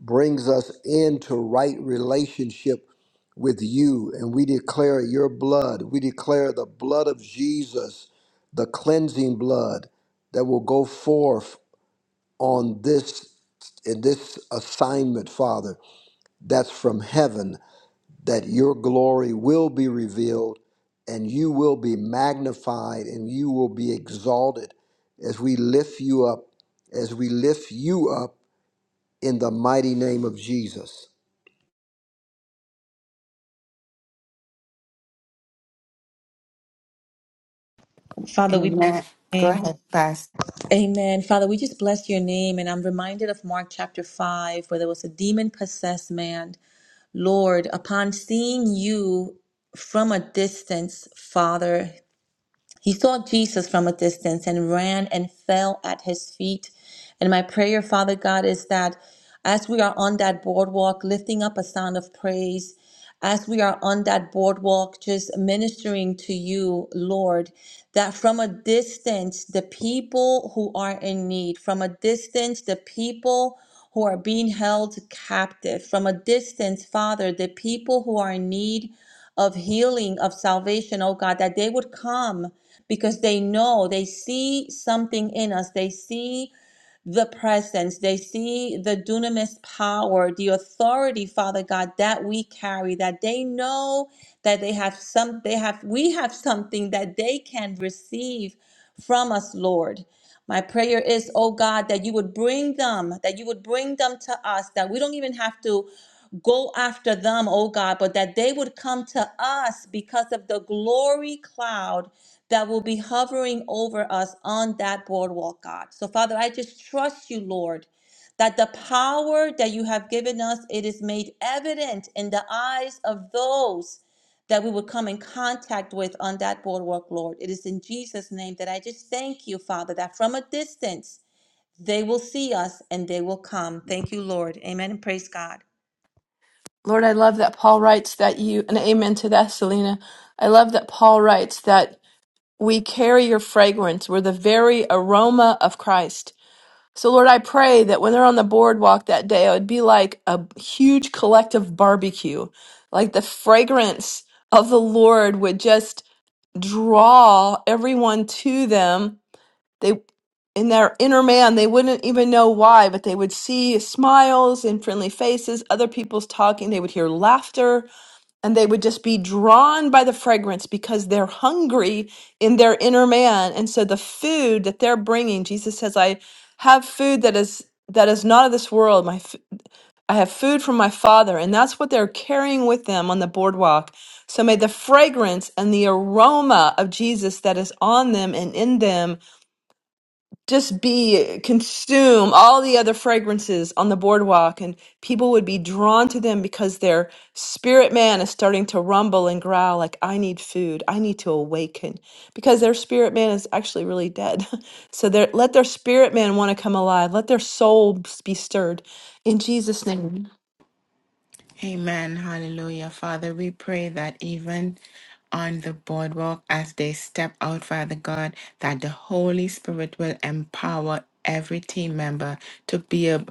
Speaker 5: brings us into right relationship with you. And we declare your blood. We declare the blood of Jesus, the cleansing blood that will go forth on this in this assignment, Father, that's from heaven, that your glory will be revealed and you will be magnified and you will be exalted as we lift you up, as we lift you up in the mighty name of Jesus.
Speaker 3: Father, we bless
Speaker 2: Amen.
Speaker 3: your
Speaker 2: Go
Speaker 3: name.
Speaker 2: ahead,
Speaker 3: Amen. Father, we just bless your name. And I'm reminded of Mark chapter 5, where there was a demon possessed man. Lord, upon seeing you from a distance, Father. He saw Jesus from a distance and ran and fell at his feet. And my prayer, Father God, is that as we are on that boardwalk, lifting up a sound of praise, as we are on that boardwalk, just ministering to you, Lord, that from a distance, the people who are in need, from a distance, the people who are being held captive, from a distance, Father, the people who are in need of healing, of salvation, oh God, that they would come because they know, they see something in us. They see the presence, they see the dunamis power, the authority, Father God, that we carry, that they know that they have some, they have, we have something that they can receive from us, Lord. My prayer is, oh God, that you would bring them, that you would bring them to us, that we don't even have to go after them, oh God, but that they would come to us because of the glory cloud that will be hovering over us on that boardwalk, God. So, Father, I just trust you, Lord, that the power that you have given us, it is made evident in the eyes of those that we would come in contact with on that boardwalk, Lord. It is in Jesus' name that I just thank you, Father, that from a distance they will see us and they will come. Thank you, Lord. Amen and praise God.
Speaker 6: Lord, I love that Paul writes that you, and amen to that, Selena. I love that Paul writes that we carry your fragrance. We're the very aroma of Christ. So, Lord, I pray that when they're on the boardwalk that day, it would be like a huge collective barbecue. Like the fragrance of the Lord would just draw everyone to them They, in their inner man, they wouldn't even know why, but they would see smiles and friendly faces, other people's talking. They would hear laughter, and they would just be drawn by the fragrance because they're hungry in their inner man. And so the food that they're bringing, Jesus says, "I have food that is that is not of this world. My f- I have food from my Father," and that's what they're carrying with them on the boardwalk. So may the fragrance and the aroma of Jesus that is on them and in them just be consume all the other fragrances on the boardwalk and people would be drawn to them because their spirit man is starting to rumble and growl like i need food i need to awaken because their spirit man is actually really dead so their let their spirit man want to come alive let their soul s- be stirred in jesus name
Speaker 2: Amen. Hallelujah. Father, we pray that even on the boardwalk as they step out, Father God, that the Holy Spirit will empower every team member to be a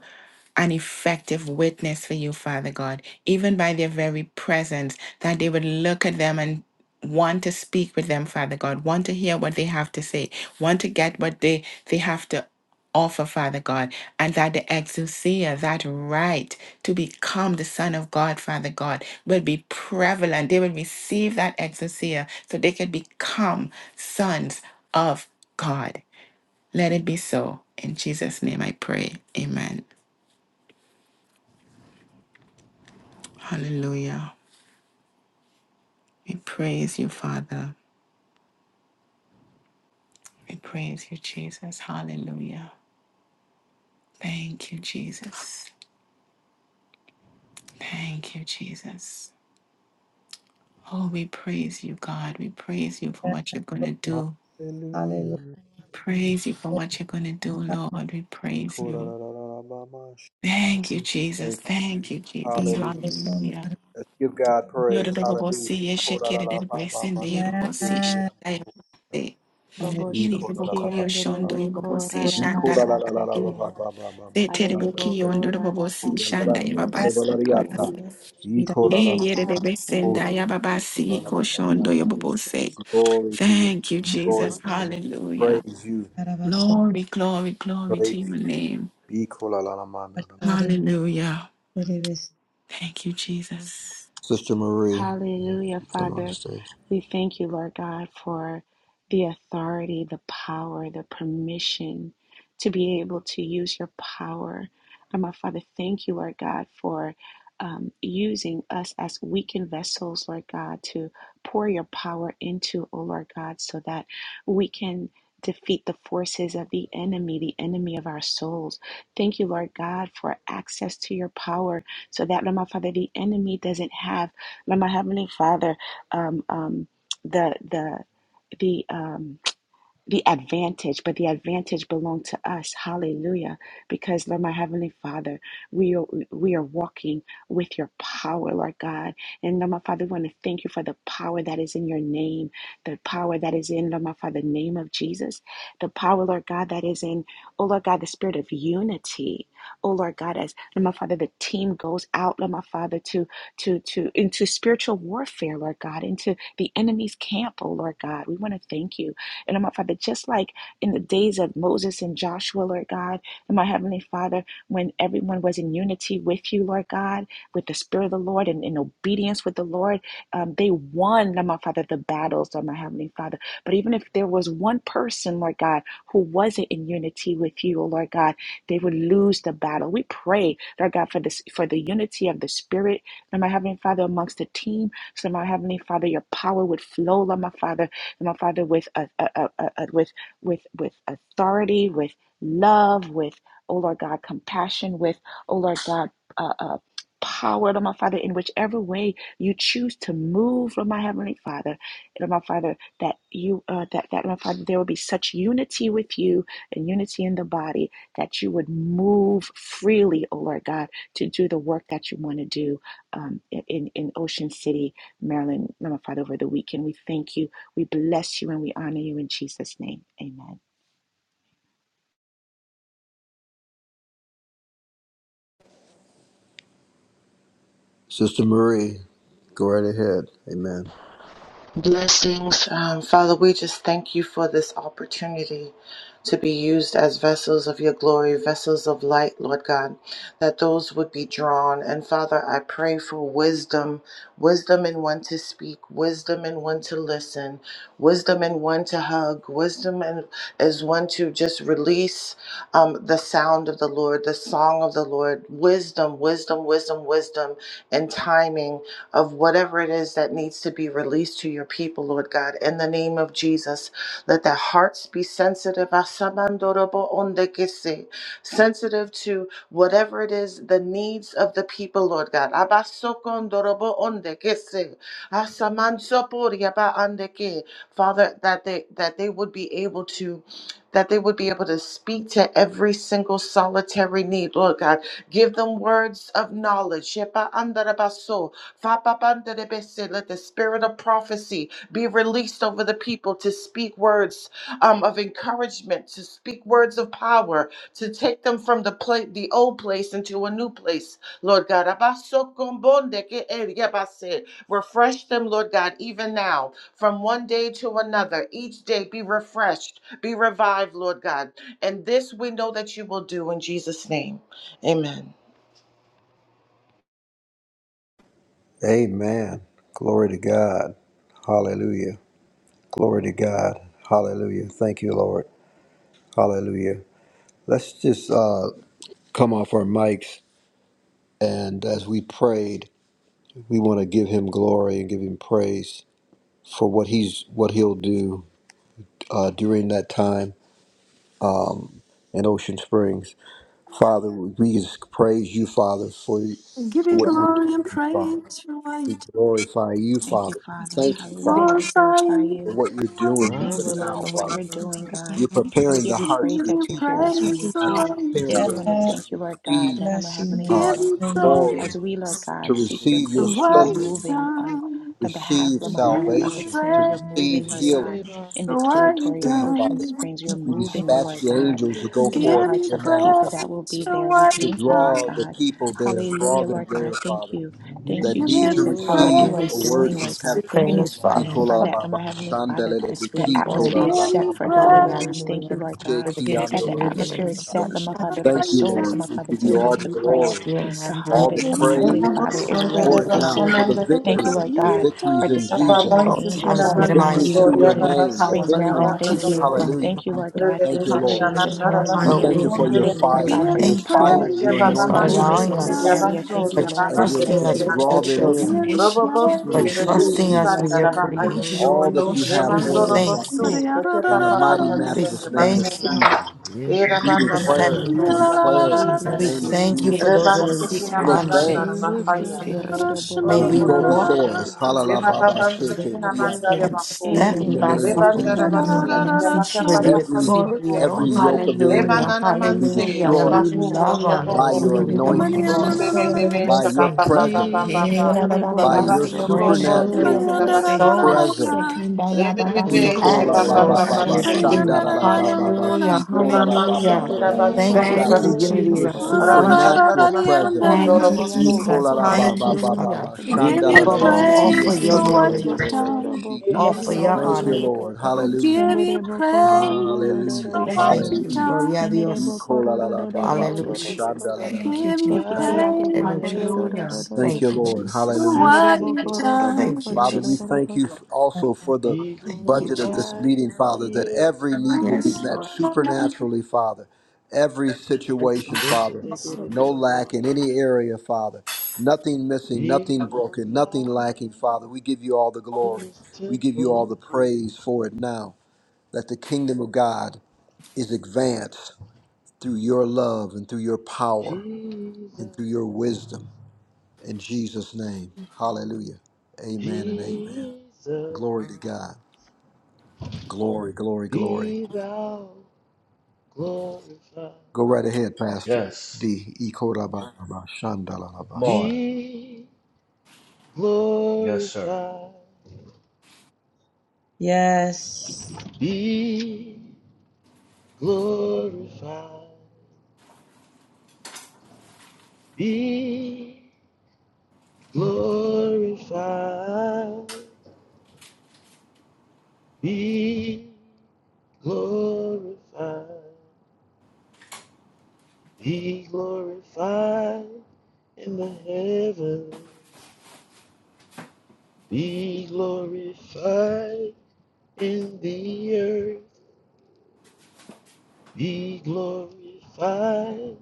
Speaker 2: an effective witness for you, Father God, even by their very presence, that they would look at them and want to speak with them, Father God, want to hear what they have to say, want to get what they, they have to offer, Father God, and that the exousia, that right to become the Son of God, Father God, will be prevalent. They will receive that exousia so they can become sons of God. Let it be so. In Jesus' name I pray. Amen. Hallelujah. We praise you, Father. We praise you, Jesus. Hallelujah. Thank you, Jesus. Thank you, Jesus. Oh, we praise you, God. We praise you for what you're going to do.
Speaker 3: Hallelujah.
Speaker 5: Hallelujah.
Speaker 2: Praise you for what you're going to do, Lord. We praise you.
Speaker 5: Ikorarararabamash.
Speaker 2: Thank you, Jesus.
Speaker 5: Thank you.
Speaker 2: Thank you, Jesus.
Speaker 3: Ira
Speaker 5: Hallelujah.
Speaker 3: son
Speaker 2: Hallelujah.
Speaker 5: Let's give God praise. Hallelujah.
Speaker 2: Yorubokoseye shekererebosendeyo
Speaker 3: ya.
Speaker 5: Ikorarararabamamanamatekeya.
Speaker 2: robosishandayobosi.
Speaker 3: Hallelujah.
Speaker 10: Robo shikiki
Speaker 5: Ikorarararabam.
Speaker 2: Hiribokoyo
Speaker 10: andere boko
Speaker 2: shondoyobobose
Speaker 10: raraba
Speaker 2: shandarabasi.
Speaker 10: satekiye. Halele
Speaker 5: Ikorararararabamamashandarabe.
Speaker 10: boko
Speaker 2: Zeterebokiyo
Speaker 10: raraba kandere
Speaker 5: Ikorarararabamamanamatekeya.
Speaker 10: boso toki
Speaker 2: ndorobobosishandayobabasi.
Speaker 10: andere boshiki.
Speaker 3: Ira
Speaker 2: Hey,
Speaker 5: Ikorarararabamamanamatekeya.
Speaker 2: yerebebesenda
Speaker 10: Hallelujah. Thank you,
Speaker 2: yababasi
Speaker 10: Lord. Thank
Speaker 2: koshondo
Speaker 10: you, Jesus.
Speaker 2: yobobose.
Speaker 5: Glory to your
Speaker 2: Thank you,
Speaker 5: Glory to
Speaker 2: Jesus.
Speaker 10: Hallelujah.
Speaker 5: your
Speaker 2: Hallelujah.
Speaker 5: Praise you.
Speaker 3: arabaso
Speaker 2: Glory, glory, glory to
Speaker 5: Praise
Speaker 2: your
Speaker 5: you.
Speaker 2: name.
Speaker 5: Ikorarararabamamanamatekeya.
Speaker 3: asharin
Speaker 2: Hallelujah.
Speaker 3: erebes.
Speaker 2: Thank you, Jesus.
Speaker 5: Sister Marie.
Speaker 10: Hallelujah,
Speaker 5: come on the
Speaker 10: Father.
Speaker 5: stage.
Speaker 10: We thank you, Lord God, for the authority, the power, the permission to be able to use your power. And my Father, thank you, Lord God, for um, using us as weakened vessels, Lord God, to pour your power into, oh Lord God, so that we can defeat the forces of the enemy, the enemy of our souls. Thank you, Lord God, for access to your power so that, Lord my Father, the enemy doesn't have Lord, my Heavenly Father, um, um, the the the um, the advantage, but the advantage belonged to us. Hallelujah. Because, Lord, my Heavenly Father, we are, we are walking with your power, Lord God. And, Lord, my Father, we want to thank you for the power that is in your name, the power that is in, Lord, my Father, the name of Jesus, the power, Lord God, that is in, oh, Lord God, the spirit of unity. Oh, Lord God, as, Lord, my Father, the team goes out, Lord, my Father, to, to, to, into spiritual warfare, Lord God, into the enemy's camp, oh, Lord God. We want to thank you. And my Father, just like in the days of Moses and Joshua, Lord God, and my Heavenly Father, when everyone was in unity with you, Lord God, with the Spirit of the Lord and in obedience with the Lord, um, they won, Lord my Father, the battles, Lord my Heavenly Father. But even if there was one person, Lord God, who wasn't in unity with you, oh Lord God, they would lose the battle. We pray, Lord God, for this for the unity of the Spirit, Lord my Heavenly Father, amongst the team, so my Heavenly Father, your power would flow, Lord my Father, my Father, with a, a, a, a, with with with authority, with love, with oh Lord God, compassion, with oh Lord God, uh, uh, power, Lord my Father, in whichever way you choose to move, Lord my Heavenly Father, Lord my Father, that you uh, that that Lord my Father, there will be such unity with you and unity in the body that you would move freely, oh Lord God, to do the work that you want to do um, in in Ocean City, Maryland, Lord my Father, over the weekend. We thank you we bless you and we honor you in Jesus' name. Amen.
Speaker 5: Sister Marie, go right ahead. Amen.
Speaker 11: Blessings. Um, Father, we just thank you for this opportunity to be used as vessels of your glory, vessels of light, Lord God, that those would be drawn. And Father, I pray for wisdom wisdom in when to speak, wisdom in when to listen, wisdom in when to hug, wisdom in, is when to just release um, the sound of the Lord, the song of the Lord, wisdom, wisdom, wisdom, wisdom, and timing of whatever it is that needs to be released to your people, Lord God. In the name of Jesus, let their hearts be sensitive, asamandorobo ondekese, sensitive to whatever it is, the needs of the people, Lord God. Abasokondorobo ondekese, asamansoporiaba andeke. Father, that they that they would be able to that they would be able to speak to every single solitary need, Lord God. Give them words of knowledge. Shepa andarabaso, Fapapandadebese, Let the spirit of prophecy be released over the people to speak words um, of encouragement, to speak words of power, to take them from the pla- the old place into a new place, Lord God. Abasokombondeke-eriabase. Refresh them, Lord God, even now, from one day to another. Each day be refreshed, be revived, Lord God. And this we know that you will do in Jesus' name. Amen.
Speaker 5: Amen. Glory to God. Hallelujah. Glory to God. Hallelujah. Thank you, Lord. Hallelujah. Let's just uh, come off our mics. And as we prayed, we want to give him glory and give him praise for what he's what he'll do uh, during that time um, in Ocean Springs.
Speaker 6: Yeah,
Speaker 5: Father, we just praise you, Father, for
Speaker 6: give you
Speaker 5: what you're
Speaker 6: glory and
Speaker 5: doing, Father.
Speaker 6: praise for what
Speaker 5: We
Speaker 6: you do.
Speaker 5: glorify you,
Speaker 10: Thank you,
Speaker 5: Father. We
Speaker 10: Father.
Speaker 5: thank you,
Speaker 9: Jesus, in the name
Speaker 10: Hallelujah.
Speaker 5: Father,
Speaker 9: of
Speaker 10: We
Speaker 6: glorify
Speaker 10: glorify
Speaker 5: for
Speaker 10: you.
Speaker 6: you
Speaker 5: what
Speaker 6: for
Speaker 5: you're
Speaker 6: what you
Speaker 10: We
Speaker 5: doing
Speaker 6: do.
Speaker 10: thank you,
Speaker 5: even
Speaker 8: Rama
Speaker 10: Lord,
Speaker 5: now,
Speaker 10: for what
Speaker 5: Father.
Speaker 8: Rama
Speaker 10: you're doing, God.
Speaker 5: You're
Speaker 9: God, I pray.
Speaker 10: We
Speaker 5: preparing the
Speaker 10: give you
Speaker 5: hearts
Speaker 10: praise
Speaker 5: of
Speaker 6: give
Speaker 5: the
Speaker 10: that
Speaker 6: you
Speaker 10: you hear
Speaker 5: people
Speaker 10: us
Speaker 5: even
Speaker 10: when
Speaker 9: Thank
Speaker 6: praise
Speaker 10: we
Speaker 9: you,
Speaker 5: now,
Speaker 9: Jesus.
Speaker 6: for
Speaker 10: pray.
Speaker 6: what you
Speaker 5: preparing
Speaker 3: Yeah.
Speaker 10: We
Speaker 5: their
Speaker 10: want to
Speaker 6: do.
Speaker 5: hearts
Speaker 10: thank
Speaker 5: to
Speaker 10: you, Lord God,
Speaker 5: receive
Speaker 10: that I'm a
Speaker 3: Bless you,
Speaker 10: Heavenly
Speaker 5: uh,
Speaker 6: Give
Speaker 9: Yes,
Speaker 3: Lord.
Speaker 10: Father.
Speaker 6: me
Speaker 5: your
Speaker 9: Lord.
Speaker 3: Hallelujah.
Speaker 5: glory,
Speaker 10: As we, Lord
Speaker 6: praise
Speaker 5: to
Speaker 10: God, seek your
Speaker 5: receive
Speaker 6: for
Speaker 5: your
Speaker 10: face, you are
Speaker 6: what
Speaker 5: splendor,
Speaker 6: you've
Speaker 10: moving on
Speaker 6: done.
Speaker 10: the behalf,
Speaker 5: receive
Speaker 10: Lord my
Speaker 6: Give
Speaker 10: Father,
Speaker 6: me
Speaker 10: of the
Speaker 8: Rama,
Speaker 5: salvation, to
Speaker 10: team. You're
Speaker 5: receive
Speaker 10: moving,
Speaker 8: Take
Speaker 10: Lord
Speaker 6: praise
Speaker 10: God,
Speaker 5: healing,
Speaker 8: it up,
Speaker 10: in the
Speaker 6: for
Speaker 5: to
Speaker 6: what you've
Speaker 10: territory of
Speaker 5: receive,
Speaker 10: Ocean
Speaker 5: Father.
Speaker 6: done.
Speaker 10: Springs. You're
Speaker 3: Thank
Speaker 5: We
Speaker 10: moving, oh
Speaker 5: dispatch
Speaker 10: Lord
Speaker 5: the
Speaker 10: God,
Speaker 5: angels to go
Speaker 10: in the
Speaker 5: forth
Speaker 6: Give
Speaker 10: hearts
Speaker 6: me
Speaker 5: even
Speaker 10: of the
Speaker 5: now,
Speaker 10: people
Speaker 5: Father,
Speaker 6: praise
Speaker 10: that will be
Speaker 6: for
Speaker 10: there. We
Speaker 6: what
Speaker 5: to
Speaker 6: you've
Speaker 10: thank you, Lord
Speaker 6: done.
Speaker 5: draw the
Speaker 10: God.
Speaker 5: people there, draw
Speaker 10: Hallelujah,
Speaker 5: them
Speaker 10: Lord God.
Speaker 5: there,
Speaker 10: Thank
Speaker 5: Father,
Speaker 10: you.
Speaker 8: give
Speaker 10: Thank
Speaker 5: that
Speaker 10: you,
Speaker 8: you
Speaker 6: Give
Speaker 5: need to
Speaker 6: me
Speaker 10: Jesus, for
Speaker 8: glory.
Speaker 7: Father,
Speaker 10: what
Speaker 7: I
Speaker 5: receive
Speaker 10: you are
Speaker 5: a word
Speaker 10: doing,
Speaker 7: receive
Speaker 5: from
Speaker 10: Lord
Speaker 6: praise for
Speaker 5: heaven
Speaker 7: these
Speaker 10: God.
Speaker 6: what
Speaker 10: Thank
Speaker 3: you.
Speaker 10: you,
Speaker 6: you've
Speaker 7: prayers, Father.
Speaker 6: done.
Speaker 10: Lord, for
Speaker 5: Ikola
Speaker 10: that, my
Speaker 5: baba
Speaker 10: Heavenly Father.
Speaker 5: shandelele
Speaker 7: I speak
Speaker 10: The
Speaker 5: biki
Speaker 7: for and
Speaker 5: tola
Speaker 10: atmosphere
Speaker 5: la
Speaker 10: is
Speaker 7: out.
Speaker 6: Give
Speaker 5: la
Speaker 10: set
Speaker 5: ba
Speaker 6: me
Speaker 2: Yes,
Speaker 5: ba
Speaker 10: for
Speaker 5: ba
Speaker 2: Lord.
Speaker 7: Father
Speaker 6: praise
Speaker 7: God,
Speaker 10: deliverance. Thank you,
Speaker 2: Hallelujah.
Speaker 10: Lord
Speaker 7: for
Speaker 10: God,
Speaker 7: the
Speaker 5: sheki
Speaker 10: that
Speaker 5: ando
Speaker 7: commission
Speaker 5: lo
Speaker 10: the
Speaker 7: you've
Speaker 5: lo lo
Speaker 7: given
Speaker 10: atmosphere is
Speaker 7: us,
Speaker 2: Yerebebebesenda
Speaker 5: lo.
Speaker 10: set,
Speaker 7: Father.
Speaker 10: Lord, my
Speaker 6: for
Speaker 2: koshondo
Speaker 10: Father, for
Speaker 6: what
Speaker 5: Thank you,
Speaker 6: you've
Speaker 8: Yeah.
Speaker 10: souls,
Speaker 2: yobobose.
Speaker 5: Lord.
Speaker 10: Lord, my
Speaker 5: We
Speaker 6: done.
Speaker 10: Father,
Speaker 5: give
Speaker 10: to
Speaker 5: you
Speaker 2: We give
Speaker 10: come
Speaker 5: all the
Speaker 8: take
Speaker 10: to
Speaker 2: you all
Speaker 10: Christ.
Speaker 8: it
Speaker 5: glory,
Speaker 8: up.
Speaker 7: We
Speaker 2: honor
Speaker 10: The
Speaker 2: and
Speaker 7: understand,
Speaker 5: all the
Speaker 10: harvest
Speaker 2: glory.
Speaker 10: that
Speaker 6: We
Speaker 10: my
Speaker 6: give
Speaker 10: Heavenly
Speaker 5: praise
Speaker 6: you
Speaker 10: Father is
Speaker 5: for
Speaker 10: ready.
Speaker 6: praise
Speaker 5: it
Speaker 7: Father,
Speaker 2: Yes,
Speaker 10: Thank
Speaker 5: now,
Speaker 10: you.
Speaker 2: Lord.
Speaker 5: for the
Speaker 8: Lord, we
Speaker 6: for
Speaker 10: Thank you,
Speaker 8: lift
Speaker 5: victory.
Speaker 6: what
Speaker 8: your
Speaker 10: Lord
Speaker 5: The
Speaker 8: name
Speaker 10: God,
Speaker 6: you've
Speaker 5: victories
Speaker 10: for
Speaker 6: done.
Speaker 5: in
Speaker 10: dispatching
Speaker 5: Jesus.
Speaker 10: your
Speaker 7: all
Speaker 11: Ababansi
Speaker 7: time
Speaker 10: angels on
Speaker 7: is
Speaker 10: my
Speaker 5: The
Speaker 11: kelabansi
Speaker 10: Father
Speaker 5: victories
Speaker 7: minimized.
Speaker 2: Hallelujah.
Speaker 10: to
Speaker 5: through
Speaker 11: gloria
Speaker 5: your
Speaker 10: Ocean
Speaker 2: And
Speaker 5: name.
Speaker 11: babasi
Speaker 5: The
Speaker 2: power
Speaker 10: Springs,
Speaker 5: victory.
Speaker 11: baba
Speaker 10: Maryland.
Speaker 2: belong to
Speaker 7: We
Speaker 10: Thank
Speaker 8: over
Speaker 2: you,
Speaker 10: you.
Speaker 11: andoko
Speaker 8: Ocean
Speaker 7: speak,
Speaker 2: Father
Speaker 8: City,
Speaker 5: Hallelujah.
Speaker 10: Thank you,
Speaker 2: God.
Speaker 10: Lord
Speaker 8: God.
Speaker 10: God.
Speaker 5: Thank
Speaker 10: Thank
Speaker 5: you,
Speaker 10: you,
Speaker 11: rebebesi
Speaker 5: Lord.
Speaker 10: Jesus.
Speaker 11: namandara
Speaker 2: Hallelujah.
Speaker 5: We
Speaker 7: but
Speaker 11: basu
Speaker 10: Hallelujah.
Speaker 5: thank you
Speaker 7: we
Speaker 5: for
Speaker 2: Hallelujah.
Speaker 5: your
Speaker 11: kundere
Speaker 10: Thank you, Lord
Speaker 11: besi
Speaker 6: Give
Speaker 5: fire,
Speaker 10: God, for
Speaker 2: Hallelujah.
Speaker 10: your
Speaker 6: you
Speaker 5: the
Speaker 7: thank
Speaker 5: fire
Speaker 7: you
Speaker 10: power
Speaker 5: of
Speaker 2: Your
Speaker 5: your
Speaker 10: that is
Speaker 6: praise for
Speaker 7: for
Speaker 2: Lord,
Speaker 5: anointing
Speaker 8: We
Speaker 6: what
Speaker 2: show
Speaker 11: babamansi
Speaker 10: moving
Speaker 7: allowing
Speaker 8: lift
Speaker 2: the
Speaker 10: in
Speaker 6: you've
Speaker 8: your
Speaker 10: this
Speaker 11: gloria
Speaker 7: us,
Speaker 10: area.
Speaker 11: basu
Speaker 8: name
Speaker 10: Thank
Speaker 6: done.
Speaker 7: for
Speaker 10: you,
Speaker 11: baba
Speaker 10: Lord.
Speaker 5: as
Speaker 10: We
Speaker 5: you it
Speaker 11: andere
Speaker 7: trusting
Speaker 10: bless
Speaker 11: be
Speaker 5: will
Speaker 7: us
Speaker 10: you.
Speaker 7: with your
Speaker 5: draw
Speaker 11: anto
Speaker 5: them
Speaker 7: children,
Speaker 6: Hear
Speaker 5: in
Speaker 6: you
Speaker 5: to
Speaker 11: robobosu
Speaker 7: for
Speaker 6: play
Speaker 10: We
Speaker 11: deke
Speaker 10: bless
Speaker 6: some.
Speaker 10: you.
Speaker 7: trusting
Speaker 10: We
Speaker 5: receive
Speaker 7: us with
Speaker 10: bless
Speaker 7: your
Speaker 11: usandara ba
Speaker 10: you.
Speaker 11: ayas
Speaker 7: creation.
Speaker 8: over
Speaker 5: all that
Speaker 10: We
Speaker 5: you
Speaker 8: Ocean
Speaker 5: have
Speaker 10: bless
Speaker 7: We
Speaker 10: you,
Speaker 11: rebando
Speaker 8: City,
Speaker 5: for them,
Speaker 10: Jesus.
Speaker 2: Lord
Speaker 8: God.
Speaker 10: We
Speaker 7: thank
Speaker 11: robosu
Speaker 5: Father,
Speaker 7: you.
Speaker 6: But I
Speaker 2: mercy.
Speaker 10: bless
Speaker 6: got
Speaker 11: deke
Speaker 6: a da
Speaker 5: in the
Speaker 6: da
Speaker 11: papa
Speaker 6: da
Speaker 5: mighty,
Speaker 6: da
Speaker 11: papa
Speaker 2: From
Speaker 6: da.
Speaker 2: the
Speaker 7: We
Speaker 11: se
Speaker 5: matchless
Speaker 2: blind,
Speaker 5: name of
Speaker 7: thank
Speaker 2: that's
Speaker 7: you
Speaker 11: rebasena
Speaker 2: your
Speaker 5: Jesus.
Speaker 8: Yes, you
Speaker 11: era
Speaker 5: We
Speaker 8: take
Speaker 7: for
Speaker 11: banda
Speaker 8: it up,
Speaker 11: basu
Speaker 5: declare it.
Speaker 8: I
Speaker 7: sending
Speaker 6: La
Speaker 5: We
Speaker 8: do.
Speaker 6: la
Speaker 11: gloria
Speaker 7: us.
Speaker 6: la la
Speaker 10: you.
Speaker 5: declare
Speaker 6: la
Speaker 11: baba
Speaker 5: it
Speaker 10: We
Speaker 6: la
Speaker 5: in the
Speaker 7: We
Speaker 6: la.
Speaker 2: Jesus.
Speaker 10: bless
Speaker 5: name of
Speaker 10: you. We
Speaker 7: thank you
Speaker 2: May
Speaker 7: for
Speaker 10: bless
Speaker 2: your
Speaker 5: Jesus.
Speaker 10: you.
Speaker 7: those that
Speaker 2: Lord
Speaker 7: are
Speaker 10: Thank
Speaker 11: rebando
Speaker 10: you,
Speaker 2: see
Speaker 11: kina
Speaker 5: In
Speaker 10: Lord.
Speaker 2: kind
Speaker 7: responding.
Speaker 8: We
Speaker 11: bandandara
Speaker 2: shame
Speaker 5: advance,
Speaker 11: ba
Speaker 2: over
Speaker 8: lift your
Speaker 10: Thank
Speaker 11: ayas
Speaker 10: you.
Speaker 2: this.
Speaker 6: But
Speaker 8: name.
Speaker 6: I
Speaker 7: May
Speaker 11: oro
Speaker 5: if
Speaker 10: Rodoboko,
Speaker 6: shimmy
Speaker 5: you
Speaker 7: we
Speaker 6: na na
Speaker 5: go
Speaker 11: bosu
Speaker 6: na
Speaker 7: walk
Speaker 5: before
Speaker 6: na.
Speaker 5: us,
Speaker 2: Hallelujah,
Speaker 5: halala
Speaker 10: Rodoboshikikiandere,
Speaker 5: baba shete
Speaker 10: Bosoto.
Speaker 11: Yevabansekina
Speaker 5: kianda.
Speaker 11: mandare
Speaker 7: and
Speaker 11: bako.
Speaker 7: step,
Speaker 5: In the name of
Speaker 6: But
Speaker 7: Father,
Speaker 11: Rebandara
Speaker 6: I da
Speaker 5: Jesus,
Speaker 6: da da
Speaker 11: basi,
Speaker 6: da da
Speaker 8: Be
Speaker 10: Ererererebokororobosoto.
Speaker 11: yabaka
Speaker 7: with
Speaker 6: da.
Speaker 7: the
Speaker 11: papa
Speaker 5: every
Speaker 7: authority
Speaker 11: konchakon.
Speaker 7: at all
Speaker 5: every yoke of the enemy
Speaker 2: hallelujah,
Speaker 8: glorified.
Speaker 11: Rebanana
Speaker 5: will be
Speaker 10: Thank
Speaker 11: manse,
Speaker 10: you,
Speaker 2: hallelujah.
Speaker 7: May we
Speaker 5: destroyed
Speaker 10: Jesus.
Speaker 11: yabako,
Speaker 7: love
Speaker 11: boko
Speaker 2: Hallelujah,
Speaker 7: on
Speaker 5: by
Speaker 11: bobo.
Speaker 7: those
Speaker 8: Ramana,
Speaker 5: your
Speaker 7: that we come
Speaker 6: Somebody
Speaker 5: anointing,
Speaker 6: na na na
Speaker 7: across.
Speaker 6: na
Speaker 11: bebe
Speaker 6: na.
Speaker 10: Erererebokororobokororobosoto.
Speaker 11: bebe,
Speaker 5: by your
Speaker 11: shababa baba baba
Speaker 5: presence,
Speaker 8: Be
Speaker 7: May
Speaker 5: by
Speaker 7: we
Speaker 5: your
Speaker 11: Abasuko
Speaker 7: bring
Speaker 11: bon,
Speaker 5: supernatural
Speaker 6: Somebody
Speaker 11: seki
Speaker 6: na da
Speaker 8: glorified.
Speaker 6: da da
Speaker 11: basena
Speaker 6: da da
Speaker 7: souls.
Speaker 11: manse.
Speaker 5: presence
Speaker 10: Erererebokororobokororodododododododododo.
Speaker 6: da.
Speaker 11: Rebe
Speaker 7: May we
Speaker 8: She
Speaker 11: bebe,
Speaker 8: take
Speaker 7: add
Speaker 5: Ikola
Speaker 8: it
Speaker 11: shababa
Speaker 8: up,
Speaker 5: baba
Speaker 7: souls
Speaker 8: outside.
Speaker 11: baba
Speaker 7: to your
Speaker 5: baba
Speaker 6: Somebody
Speaker 11: seki.
Speaker 6: na
Speaker 5: shanda
Speaker 6: da
Speaker 5: la
Speaker 7: kingdom.
Speaker 6: da
Speaker 5: la
Speaker 6: da
Speaker 5: baba
Speaker 6: da
Speaker 5: baba
Speaker 6: da
Speaker 10: Kanerebokoradabakanderebododododododo.
Speaker 6: da
Speaker 5: she kola
Speaker 6: da.
Speaker 5: la
Speaker 11: Rebaman
Speaker 5: baba
Speaker 2: hallelujah.
Speaker 11: seki la
Speaker 5: baba
Speaker 11: banso,
Speaker 5: baba
Speaker 7: Thank you
Speaker 8: Be
Speaker 2: Thank
Speaker 7: for the
Speaker 5: shanda.
Speaker 2: you,
Speaker 11: yabaske.
Speaker 5: Your
Speaker 7: unity
Speaker 8: glorified.
Speaker 7: of
Speaker 2: Jesus.
Speaker 6: La
Speaker 7: one
Speaker 6: ba
Speaker 7: church.
Speaker 6: ba
Speaker 10: Enderebokororobosotokododododododo.
Speaker 6: ba
Speaker 5: supernatural
Speaker 6: da
Speaker 5: presence.
Speaker 11: basukon,
Speaker 6: da.
Speaker 2: Thank you,
Speaker 11: dorobosu.
Speaker 2: Jesus.
Speaker 5: Ikola la
Speaker 7: Thank
Speaker 5: baba
Speaker 7: you,
Speaker 5: baba
Speaker 7: Father.
Speaker 2: Hallelujah.
Speaker 5: baba
Speaker 6: We give
Speaker 5: shanda la
Speaker 8: Remini,
Speaker 6: you
Speaker 5: la
Speaker 7: Above
Speaker 5: la
Speaker 8: me,
Speaker 10: Shikikiyadebokorodobosotokodododododo.
Speaker 7: all,
Speaker 5: de
Speaker 2: Come
Speaker 8: she
Speaker 2: to
Speaker 7: all
Speaker 8: take
Speaker 7: for
Speaker 6: praise
Speaker 5: ando
Speaker 7: your
Speaker 6: for
Speaker 5: lo lo lo
Speaker 6: what
Speaker 7: glory,
Speaker 5: lo
Speaker 2: me.
Speaker 6: you've
Speaker 5: lo lo lo
Speaker 6: done.
Speaker 5: shita.
Speaker 2: Be
Speaker 7: all for
Speaker 8: Be
Speaker 7: your
Speaker 2: exalted
Speaker 5: Thank
Speaker 2: and
Speaker 5: you,
Speaker 2: be
Speaker 7: honor.
Speaker 10: Enderebokororobokondodododododod.
Speaker 5: Lord.
Speaker 8: glorified,
Speaker 6: We
Speaker 2: exalted.
Speaker 5: Hallelujah.
Speaker 6: give you praise for
Speaker 5: Hallelujah.
Speaker 7: We
Speaker 6: what
Speaker 2: Thank
Speaker 10: Enderebokororobododododododo.
Speaker 7: thank
Speaker 2: you,
Speaker 6: you've
Speaker 7: you.
Speaker 5: Hallelujah.
Speaker 2: Jesus.
Speaker 6: done.
Speaker 7: Gloria a
Speaker 10: Enere
Speaker 7: Dios.
Speaker 10: boko ro
Speaker 5: Ikola la
Speaker 10: ro
Speaker 5: la
Speaker 10: ro ro
Speaker 5: baba
Speaker 10: ro ro ro
Speaker 2: Thank
Speaker 7: Hallelujah.
Speaker 2: you,
Speaker 5: baba
Speaker 10: ro
Speaker 8: be
Speaker 10: ro
Speaker 2: Jesus.
Speaker 10: ro
Speaker 5: shanda la
Speaker 10: ro.
Speaker 6: We
Speaker 5: la la la
Speaker 2: Thank you,
Speaker 6: give you
Speaker 10: Ekiki
Speaker 2: Jesus.
Speaker 5: shita.
Speaker 8: glorified in
Speaker 10: ade
Speaker 8: the
Speaker 7: Hallelujah.
Speaker 10: boko ro ro ro ro ro
Speaker 2: Hallelujah.
Speaker 6: praise
Speaker 8: heavens.
Speaker 10: ro
Speaker 5: Thank
Speaker 10: ro
Speaker 5: you,
Speaker 7: Thank you,
Speaker 10: ro.
Speaker 5: Lord. Hallelujah.
Speaker 7: Jesus.
Speaker 6: for
Speaker 8: Yes,
Speaker 10: Hanere
Speaker 8: you
Speaker 6: what
Speaker 8: take
Speaker 10: boko
Speaker 6: you've
Speaker 8: it.
Speaker 10: ro ro boko
Speaker 6: done.
Speaker 7: Thank you,
Speaker 10: ro ro
Speaker 5: Father,
Speaker 10: ro
Speaker 5: we
Speaker 7: Jesus.
Speaker 10: ro ro
Speaker 5: thank
Speaker 10: ro
Speaker 5: you f-
Speaker 3: Father.
Speaker 5: also for the
Speaker 8: Be
Speaker 7: Thank you,
Speaker 5: budget of
Speaker 7: Jesus.
Speaker 5: this
Speaker 8: glorified
Speaker 5: meeting,
Speaker 8: in
Speaker 5: Father,
Speaker 8: the
Speaker 5: that
Speaker 8: earth.
Speaker 5: every
Speaker 6: La,
Speaker 5: need will be
Speaker 7: Yes,
Speaker 6: la,
Speaker 5: met
Speaker 7: Lord.
Speaker 6: la, la, la.
Speaker 5: supernaturally, Father. Every situation,
Speaker 8: Yes, you
Speaker 5: Father.
Speaker 8: take
Speaker 7: Yes,
Speaker 8: it.
Speaker 7: Lord.
Speaker 5: No lack in any area, Father. Nothing missing,
Speaker 8: Be
Speaker 5: nothing broken, nothing
Speaker 8: glorified
Speaker 5: lacking, Father. We give you all the
Speaker 8: in
Speaker 5: glory.
Speaker 8: this
Speaker 5: We give you all
Speaker 8: temple.
Speaker 5: the praise for it now, that the kingdom of God is advanced through your love and through your power
Speaker 8: Jesus,
Speaker 5: and through your wisdom. In Jesus' name, hallelujah. Amen and amen.
Speaker 8: Jesus,
Speaker 5: Glory to God. Glory, glory, glory.
Speaker 8: be thou glorified.
Speaker 5: Go right ahead, Pastor D. E. Kodabarabashandalabashi.
Speaker 8: Be glorified,
Speaker 3: Yes.
Speaker 8: be glorified. Be glorified. Be glorified. Be glorified in the heavens. Be glorified in the earth. Be glorified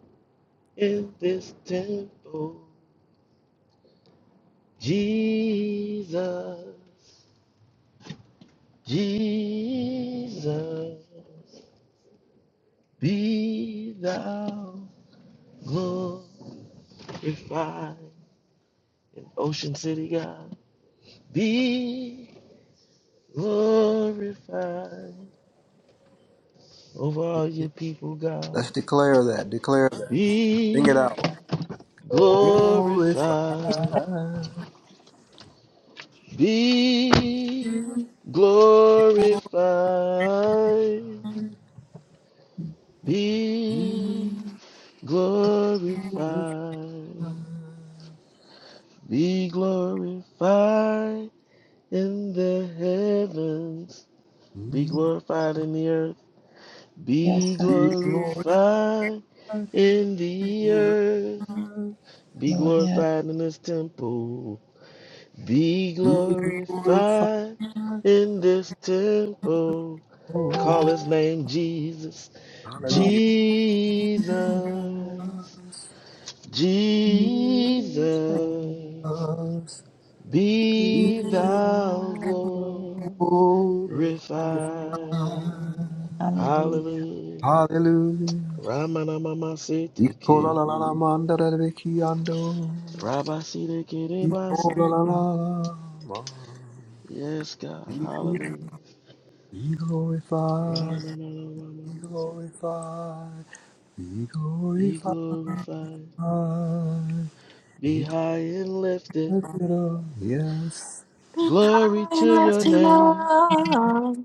Speaker 8: in this temple. Jesus, Jesus, be thou glorified. glorified in Ocean City, God. Be glorified over all your people,
Speaker 5: Let's
Speaker 8: God.
Speaker 5: declare that. Declare that. Sing it
Speaker 8: Be
Speaker 5: out. Glorify.
Speaker 8: glorified. Be glorified. Be
Speaker 5: with
Speaker 8: glorified. Be glorified in the heavens. Be
Speaker 5: me.
Speaker 8: glorified in the earth.
Speaker 3: Yes,
Speaker 8: Be
Speaker 3: God,
Speaker 5: Be glorified.
Speaker 8: glorified in the earth. Be
Speaker 3: Lord. Yes.
Speaker 8: glorified in this temple. Be
Speaker 5: Be glorified.
Speaker 8: glorified in this temple.
Speaker 5: Oh,
Speaker 8: Call his name Jesus.
Speaker 5: Hallelujah.
Speaker 10: ro.
Speaker 8: Jesus.
Speaker 5: Us,
Speaker 3: yes.
Speaker 10: Jesus,
Speaker 8: Jesus.
Speaker 5: us,
Speaker 10: be
Speaker 8: Be thou
Speaker 10: thou glorified.
Speaker 5: oh,
Speaker 8: glorified.
Speaker 5: us.
Speaker 3: Hallelujah.
Speaker 8: Hallelujah.
Speaker 5: Hallelujah.
Speaker 8: Ramana mama
Speaker 5: E.
Speaker 8: sitike.
Speaker 5: Kodalalamandarabekiyando.
Speaker 8: Rabasire
Speaker 5: E. Kodalalama.
Speaker 8: Yes, God.
Speaker 5: Be
Speaker 8: Hallelujah.
Speaker 5: glorified. Be glorified, be
Speaker 8: Be
Speaker 5: glorified,
Speaker 8: glorified. Be
Speaker 5: be
Speaker 8: high and lifted.
Speaker 5: glorious,
Speaker 6: Be
Speaker 8: Glory
Speaker 6: high and
Speaker 8: to your
Speaker 6: lifted
Speaker 8: name.
Speaker 6: up.